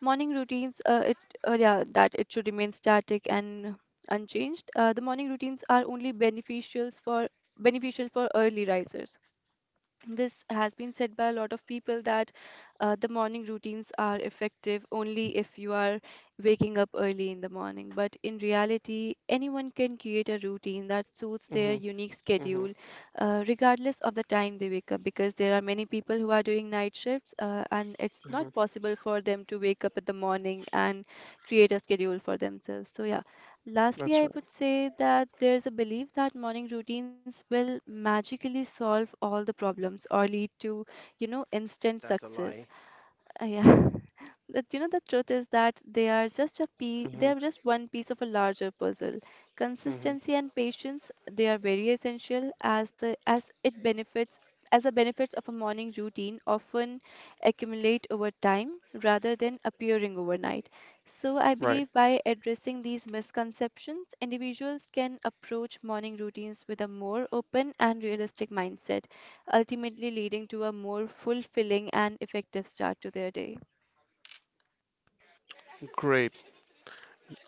Speaker 3: morning routines, uh, it uh, yeah, that it should remain static and unchanged. Uh, the morning routines are only beneficials for beneficial for early risers. This has been said by a lot of people that uh, the morning routines are effective only if you are waking up early in the morning. But in reality, anyone can create a routine that suits their
Speaker 1: Hmm.
Speaker 3: unique
Speaker 1: Hmm.
Speaker 3: schedule, uh, regardless of the time they wake up, because there are many people who are doing night shifts, uh, and it's not
Speaker 1: Hmm.
Speaker 3: possible for them to wake up in the morning and create a schedule for themselves. So, yeah, lastly,
Speaker 1: That's
Speaker 3: I would say that there's a belief that morning routines will magically solve all the problems or lead to, you know, instant
Speaker 2: That's a
Speaker 3: success.
Speaker 2: lie.
Speaker 3: Uh, yeah. [LAUGHS] But you know, the truth is that they are just a pie
Speaker 1: right.
Speaker 3: they
Speaker 1: Hmm.
Speaker 3: are just one piece of a larger puzzle.
Speaker 1: Hmm.
Speaker 3: Consistency and patience, they are very essential as the as it benefits as the benefits of a morning routine often accumulate over time rather than appearing overnight. So I
Speaker 1: Right.
Speaker 3: believe by addressing these misconceptions, individuals can approach morning routines with a more open and realistic mindset ultimately leading to a more fulfilling and effective start to their day.
Speaker 1: Great.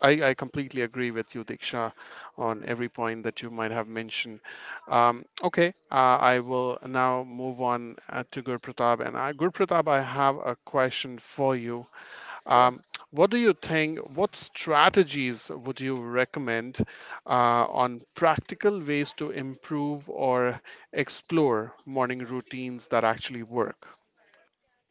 Speaker 1: I, I completely agree with you, Diksha, on every point that you might have mentioned. Um, okay, uh, I will now move on uh, to Guru Pratap. And uh, Guru Pratap, I have a question for you.
Speaker 2: Sure.
Speaker 1: Um, what do you think? What strategies would you recommend uh, on practical ways to improve or explore morning routines that actually work?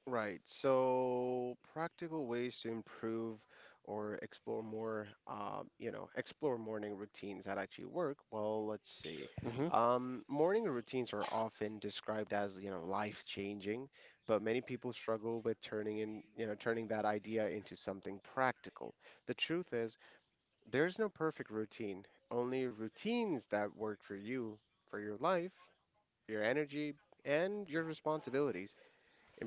Speaker 2: Right. So practical ways to improve or explore more, um, you know, explore morning routines that actually work. Well, let's see.
Speaker 1: Hmm.
Speaker 2: Um, morning routines are often described as, you know, life-changing, but many people struggle with turning in, you know, turning that idea into something practical. The truth is, there's no perfect routine, only routines that work for you, for your life, your energy, and your responsibilities.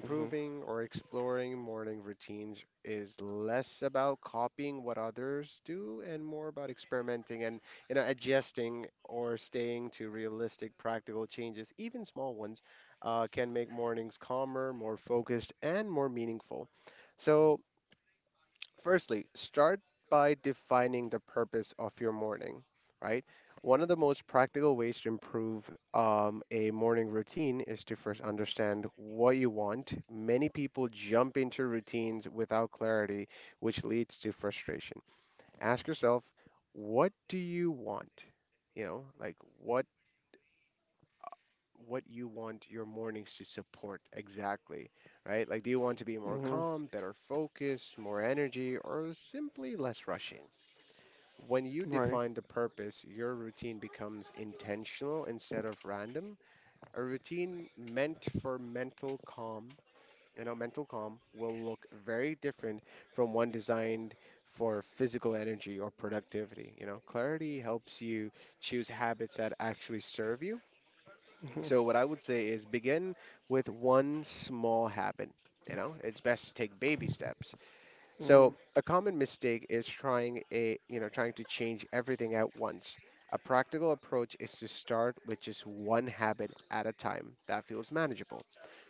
Speaker 1: Hmm.
Speaker 2: or exploring morning routines is less about copying what others do and more about experimenting and you know adjusting or staying to realistic practical changes. Even small ones uh, can make mornings calmer, more focused, and more meaningful. So firstly, start by defining the purpose of your morning, right? One of the most practical ways to improve um, a morning routine is to first understand what you want. Many people jump into routines without clarity, which leads to frustration. Ask yourself, what do you want? You know, like what what you want your mornings to support exactly, right? Like, do you want to be
Speaker 1: Hmm.
Speaker 2: more calm, better focused, more energy, or simply less rushing? When you
Speaker 1: Right.
Speaker 2: define the purpose, your routine becomes intentional instead of random. A routine meant for mental calm, you know, mental calm will look very different from one designed for physical energy or productivity. You know, clarity helps you choose habits that actually serve you. So what I would say is begin with one small habit. You know, it's best to take baby steps.
Speaker 1: Mm.
Speaker 2: So a common mistake is trying a, you know, trying to change everything at once. A practical approach is to start with just one habit at a time that feels manageable.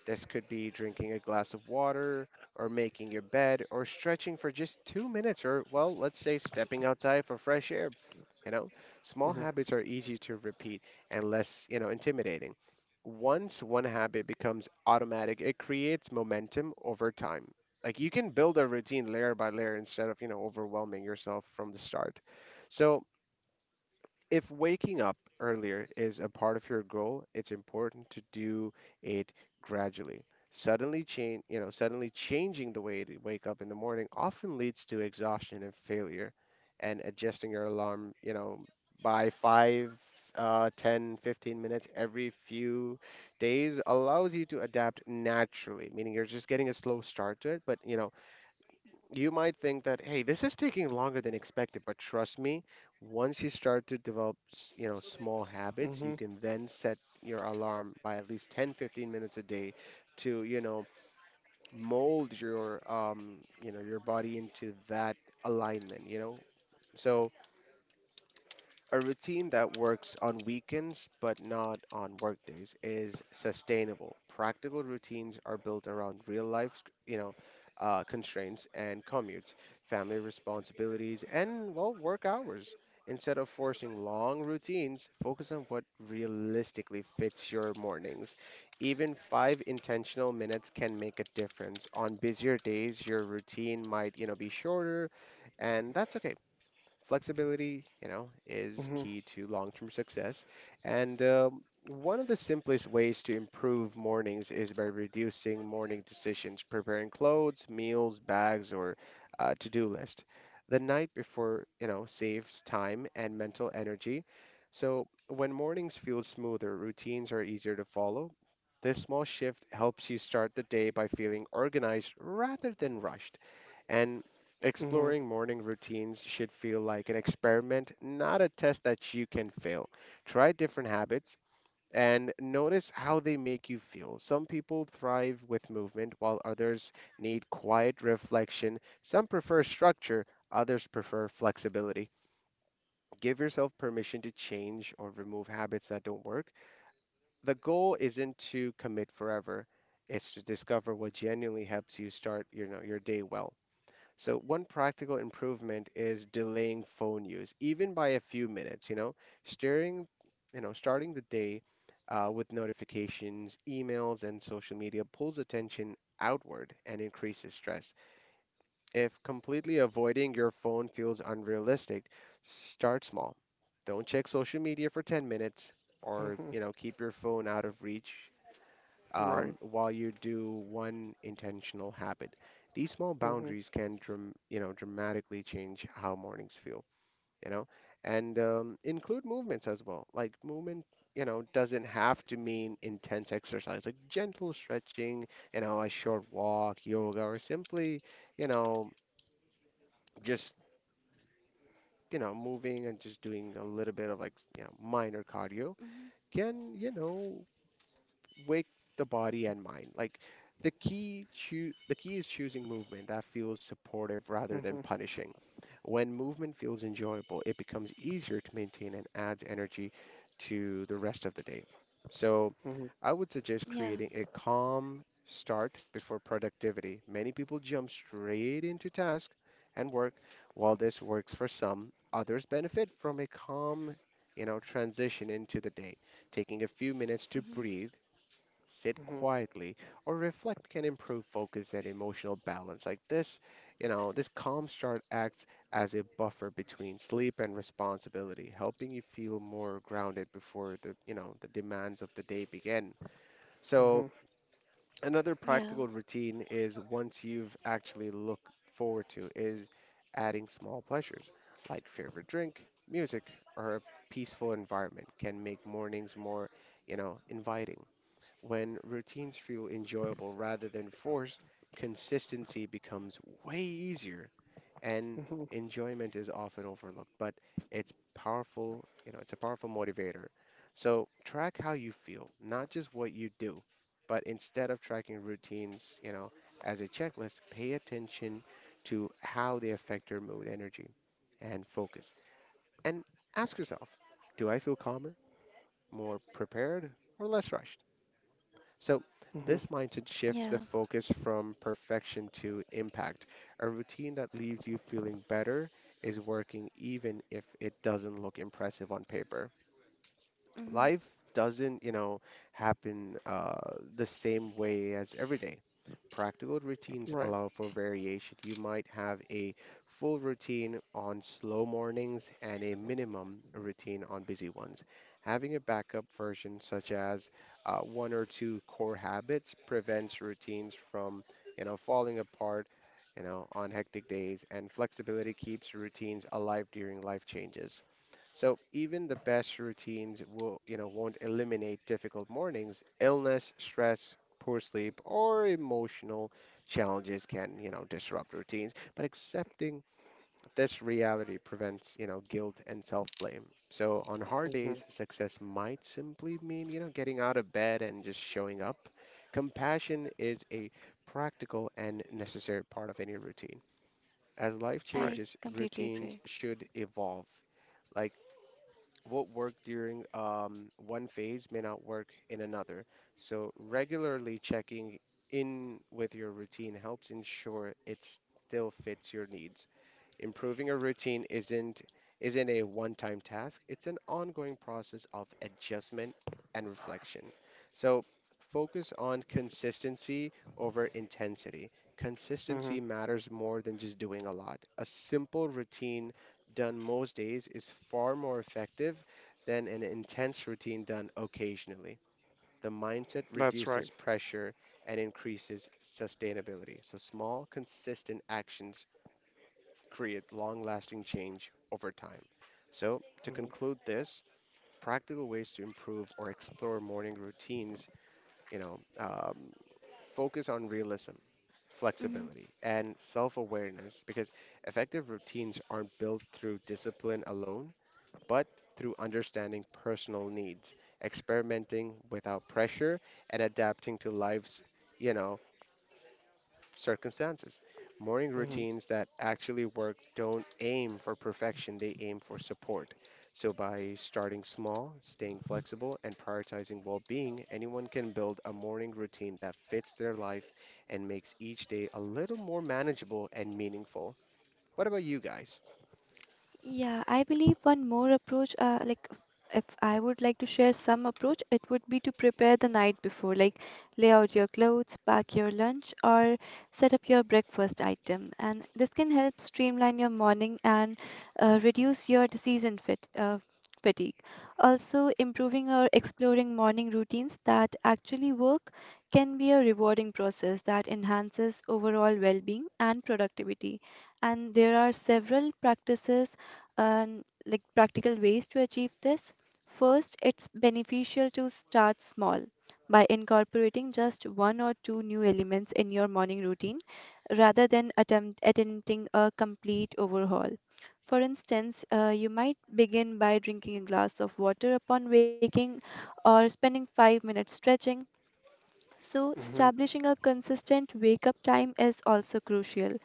Speaker 2: This could be drinking a glass of water or making your bed or stretching for just two minutes or well, let's say stepping outside for fresh air, you know?
Speaker 1: Mhm.
Speaker 2: Small habits are easier to repeat and less, you know, intimidating. Once one habit becomes automatic, it creates momentum over time. Like you can build a routine layer by layer instead of, you know, overwhelming yourself from the start. So, if waking up earlier is a part of your goal, it's important to do it gradually. Suddenly change, you know, suddenly changing the way to wake up in the morning often leads to exhaustion and failure. And adjusting your alarm, you know, by five, uh, ten, fifteen minutes every few days allows you to adapt naturally, meaning you're just getting a slow start to it, but, you know, you might think that, hey, this is taking longer than expected, but trust me, once you start to develop, s- you know, small habits, you
Speaker 1: Mhm.
Speaker 2: can then set your alarm by at least ten, fifteen minutes a day to, you know, mold your, um, you know, your body into that alignment, you know. So a routine that works on weekends but not on workdays is sustainable. Practical routines are built around real life, you know, uh, constraints and commutes, family responsibilities, and well, work hours. Instead of forcing long routines, focus on what realistically fits your mornings. Even five intentional minutes can make a difference. On busier days, your routine might, you know, be shorter, and that's okay. Flexibility, you know, is
Speaker 1: Mhm.
Speaker 2: key to long-term success. And um, one of the simplest ways to improve mornings is by reducing morning decisions, preparing clothes, meals, bags, or uh, to-do list the night before, you know, saves time and mental energy. So when mornings feel smoother, routines are easier to follow. This small shift helps you start the day by feeling organized rather than rushed. And
Speaker 1: Mhm.
Speaker 2: exploring morning routines should feel like an experiment, not a test that you can fail. Try different habits and notice how they make you feel. Some people thrive with movement, while others need quiet reflection. Some prefer structure, others prefer flexibility. Give yourself permission to change or remove habits that don't work. The goal isn't to commit forever, it's to discover what genuinely helps you start, you know, your day well. So one practical improvement is delaying phone use, even by a few minutes, you know, steering, you know, starting the day uh, with notifications, emails, and social media pulls attention outward and increases stress. If completely avoiding your phone feels unrealistic, start small. Don't check social media for ten minutes or,
Speaker 1: Mhm.
Speaker 2: you know, keep your phone out of reach um,
Speaker 1: Right.
Speaker 2: while you do one intentional habit. These small
Speaker 1: Mhm.
Speaker 2: boundaries can dram- you know dramatically change how mornings feel, you know, and um, include movements as well. Like movement, you know, doesn't have to mean intense exercise. Like gentle stretching, you know, a short walk, yoga, or simply, you know, just you know moving and just doing a little bit of like you know minor cardio
Speaker 3: Mhm.
Speaker 2: can you know wake the body and mind. Like the key choo- the key is choosing movement that feels supportive
Speaker 1: Mhm.
Speaker 2: rather than punishing. When movement feels enjoyable, it becomes easier to maintain and adds energy to the rest of the day. So
Speaker 1: Mhm.
Speaker 2: I would suggest
Speaker 3: Yeah.
Speaker 2: creating a calm start before productivity. Many people jump straight into task and work. While this works for some, others benefit from a calm, you know, transition into the day taking a few minutes to
Speaker 3: Hmm.
Speaker 2: breathe sit
Speaker 1: Mhm.
Speaker 2: quietly, or reflect can improve focus and emotional balance. Like this, you know, this calm start acts as a buffer between sleep and responsibility, helping you feel more grounded before the, you know, the demands of the day begin. So,
Speaker 1: Mhm.
Speaker 2: another
Speaker 3: Yeah.
Speaker 2: practical routine is once you've actually looked forward to is adding small pleasures like favorite drink, music, or a peaceful environment can make mornings more, you know, inviting. When routines feel enjoyable rather than forced, consistency becomes way easier and
Speaker 1: Mhm.
Speaker 2: enjoyment is often overlooked, but it's powerful, you know, it's a powerful motivator. So track how you feel, not just what you do, but instead of tracking routines, you know, as a checklist, pay attention to how they affect your mood, energy, and focus. And ask yourself, do I feel calmer, more prepared, or less rushed? So,
Speaker 1: Mhm.
Speaker 2: this mindset shifts the
Speaker 3: Yeah.
Speaker 2: focus from perfection to impact. A routine that leaves you feeling better is working even if it doesn't look impressive on paper.
Speaker 3: Hmm.
Speaker 2: Life doesn't, you know, happen uh, the same way as every day. Practical routines
Speaker 1: Right.
Speaker 2: allow for variation. You might have a full routine on slow mornings and a minimum routine on busy ones. Having a backup version, such as uh, one or two core habits, prevents routines from, you know, falling apart, you know, on hectic days, and flexibility keeps routines alive during life changes. So even the best routines will, you know, won't eliminate difficult mornings. Illness, stress, poor sleep, or emotional challenges can, you know, disrupt routines. But accepting this reality prevents, you know, guilt and self-blame. So on hard
Speaker 1: Mhm.
Speaker 2: days, success might simply mean, you know, getting out of bed and just showing up. Compassion is a practical and necessary part of any routine. As
Speaker 1: Right.
Speaker 2: life
Speaker 3: I
Speaker 2: changes,
Speaker 3: completely
Speaker 2: routines
Speaker 3: agree.
Speaker 2: should evolve. Like what worked during um, one phase may not work in another. So, regularly checking in with your routine helps ensure it still fits your needs. Improving a routine isn't isn't a one-time task. It's an ongoing process of adjustment and reflection. So focus on consistency over intensity.
Speaker 1: Mhm.
Speaker 2: Consistency matters more than just doing a lot. A simple routine done most days is far more effective than an intense routine done occasionally. The mindset
Speaker 1: That's
Speaker 2: reduces
Speaker 1: right.
Speaker 2: pressure and increases sustainability. So small, consistent actions create long lasting change over time. So, to
Speaker 1: Mhm.
Speaker 2: conclude this, practical ways to improve or explore morning routines, you know, um, focus on realism,
Speaker 3: Mhm.
Speaker 2: flexibility, and self awareness because effective routines aren't built through discipline alone, but through understanding personal needs, experimenting without pressure, and adapting to life's, you know, circumstances. Morning
Speaker 1: Mhm.
Speaker 2: routines that actually work don't aim for perfection, they aim for support. So, by starting small, staying flexible, and prioritizing well being, anyone can build a morning routine that fits their life and makes each day a little more manageable and meaningful. What about you guys?
Speaker 3: Yeah, I believe one more approach, uh, like if I would like to share some approach, it would be to prepare the night before, like lay out your clothes, pack your lunch, or set up your breakfast item. And this can help streamline your morning and uh, reduce your decision fit, uh, fatigue. Also, improving or exploring morning routines that actually work can be a rewarding process that enhances overall well-being and productivity. And there are several practices and like practical ways to achieve this. First, it's beneficial to start small by incorporating just one or two new elements in your morning routine rather than attempt attempting a complete overhaul. For instance, uh, you might begin by drinking a glass of water upon waking or spending five minutes stretching. So,
Speaker 1: Mhm.
Speaker 3: establishing a consistent wake up time is also crucial,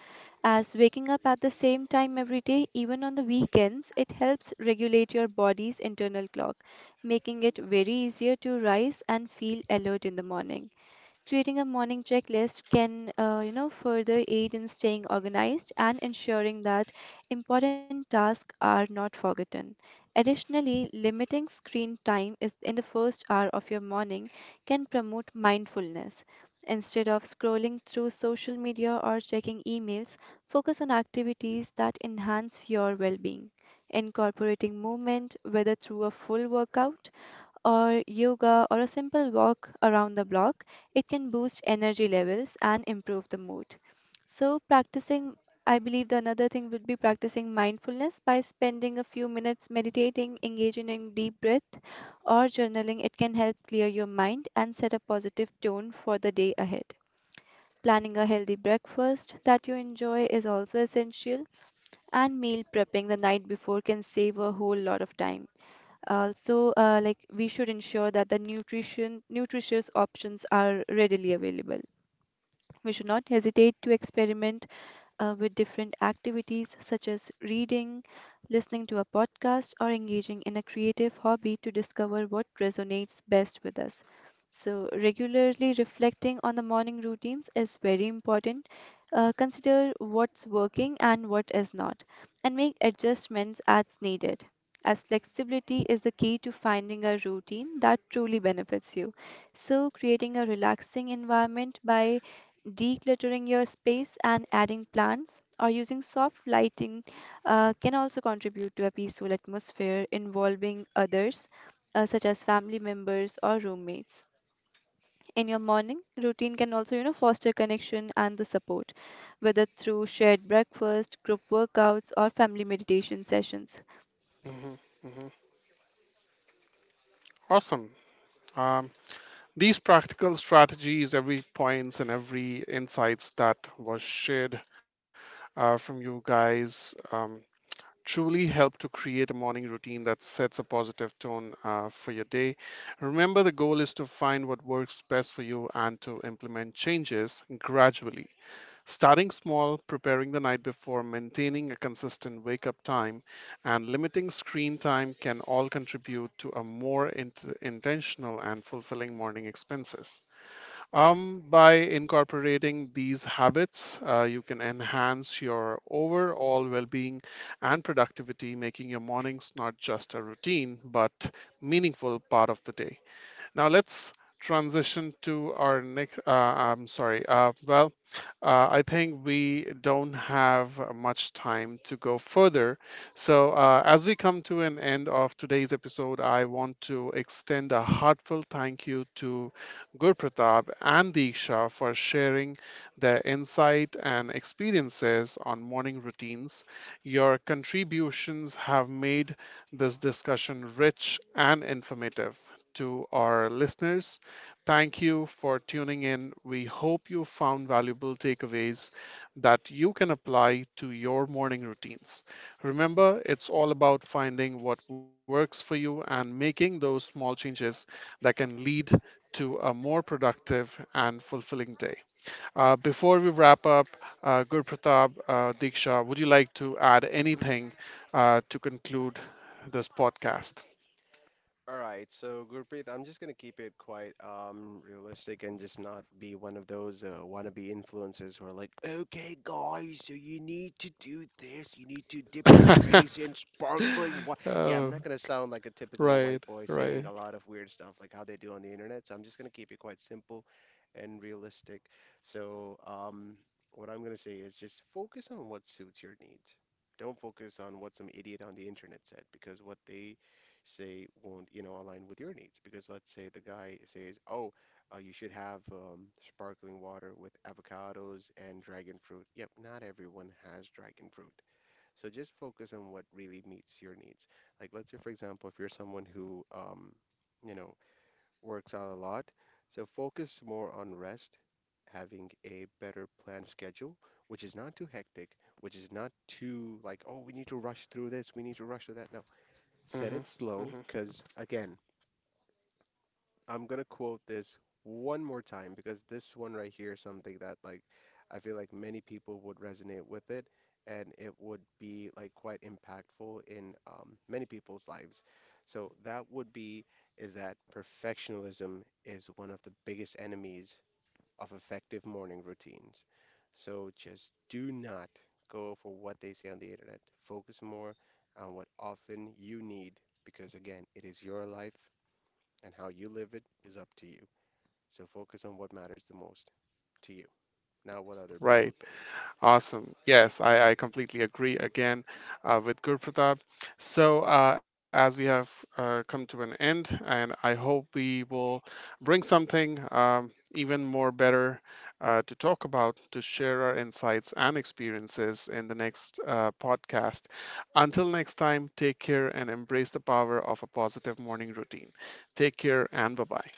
Speaker 3: as waking up at the same time every day, even on the weekends, it helps regulate your body's internal clock, making it very easier to rise and feel alert in the morning. Creating a morning checklist can, uh, you know, further aid in staying organized and ensuring that important tasks are not forgotten. Additionally, limiting screen time is in the first hour of your morning can promote mindfulness. Instead of scrolling through social media or checking emails, focus on activities that enhance your well-being. Incorporating movement, whether through a full workout or yoga or a simple walk around the block, it can boost energy levels and improve the mood. So, practicing, I believe the another thing would be practicing mindfulness by spending a few minutes meditating, engaging in deep breath, or journaling. It can help clear your mind and set a positive tone for the day ahead. Planning a healthy breakfast that you enjoy is also essential, and meal prepping the night before can save a whole lot of time. Also, uh, like we should ensure that the nutrition nutritious options are readily available. We should not hesitate to experiment uh, with different activities such as reading, listening to a podcast, or engaging in a creative hobby to discover what resonates best with us. So, regularly reflecting on the morning routines is very important. Uh, consider what's working and what is not, and make adjustments as needed. As flexibility is the key to finding a routine that truly benefits you. So, creating a relaxing environment by decluttering your space and adding plants or using soft lighting uh, can also contribute to a peaceful atmosphere, involving others, uh, such as family members or roommates in your morning routine can also, you know, foster connection and the support, whether through shared breakfast, group workouts, or family meditation sessions.
Speaker 1: Mhm. Mhm. Awesome. Um, these practical strategies, every points and every insights that was shared uh, from you guys. Um, truly help to create a morning routine that sets a positive tone uh, for your day. Remember, the goal is to find what works best for you and to implement changes gradually. Starting small, preparing the night before, maintaining a consistent wake up time, and limiting screen time can all contribute to a more int- intentional and fulfilling morning expenses. Um, by incorporating these habits, uh, you can enhance your overall well being and productivity, making your mornings not just a routine, but meaningful part of the day. Now let's transition to our next. Uh, I'm sorry. Uh, well, uh, I think we don't have much time to go further. So uh, as we come to an end of today's episode, I want to extend a heartfelt thank you to Gurpratap and Diksha for sharing their insight and experiences on morning routines. Your contributions have made this discussion rich and informative to our listeners. Thank you for tuning in. We hope you found valuable takeaways that you can apply to your morning routines. Remember, it's all about finding what works for you and making those small changes that can lead to a more productive and fulfilling day. Uh, before we wrap up, uh, Guru Pratap, uh, Diksha, would you like to add anything uh, to conclude this podcast?
Speaker 2: All right, so Gurpreet, I'm just gonna keep it quite um realistic and just not be one of those uh, wannabe influencers who are like, "Okay, guys, so you need to do this. You need to dip your
Speaker 1: [LAUGHS]
Speaker 2: face in sparkling water." Yeah, I'm not
Speaker 1: Oh.
Speaker 2: gonna sound like a typical white boy
Speaker 1: Right,
Speaker 2: saying a lot
Speaker 1: right.
Speaker 2: of weird stuff like how they do on the internet. So I'm just gonna keep it quite simple and realistic. So um, what I'm gonna say is just focus on what suits your needs. Don't focus on what some idiot on the internet said because what they say won't you know align with your needs, because let's say the guy says, oh, uh, you should have um, sparkling water with avocados and dragon fruit. Yep, not everyone has dragon fruit, so just focus on what really meets your needs. Like let's say for example if you're someone who um, you know works out a lot, so focus more on rest, having a better planned schedule, which is not too hectic, which is not too like, oh, we need to rush through this, we need to rush through that. No. Set it
Speaker 1: Hmm.
Speaker 2: slow,
Speaker 1: Hmm.
Speaker 2: because again, I'm gonna quote this one more time because this one right here is something that like I feel like many people would resonate with it, and it would be like quite impactful in um, many people's lives. So that would be is that perfectionism is one of the biggest enemies of effective morning routines. So just do not go for what they say on the internet. Focus more on what often you need because, again, it is your life and how you live it is up to you. So focus on what matters the most to you, not what other
Speaker 1: Right.
Speaker 2: people think.
Speaker 1: Awesome. Yes, I, I completely agree again uh, with Guru Pratap. So, uh, as we have uh, come to an end, and I hope we will bring something um, even more better uh, to talk about, to share our insights and experiences in the next uh, podcast. Until next time, take care and embrace the power of a positive morning routine. Take care and bye bye.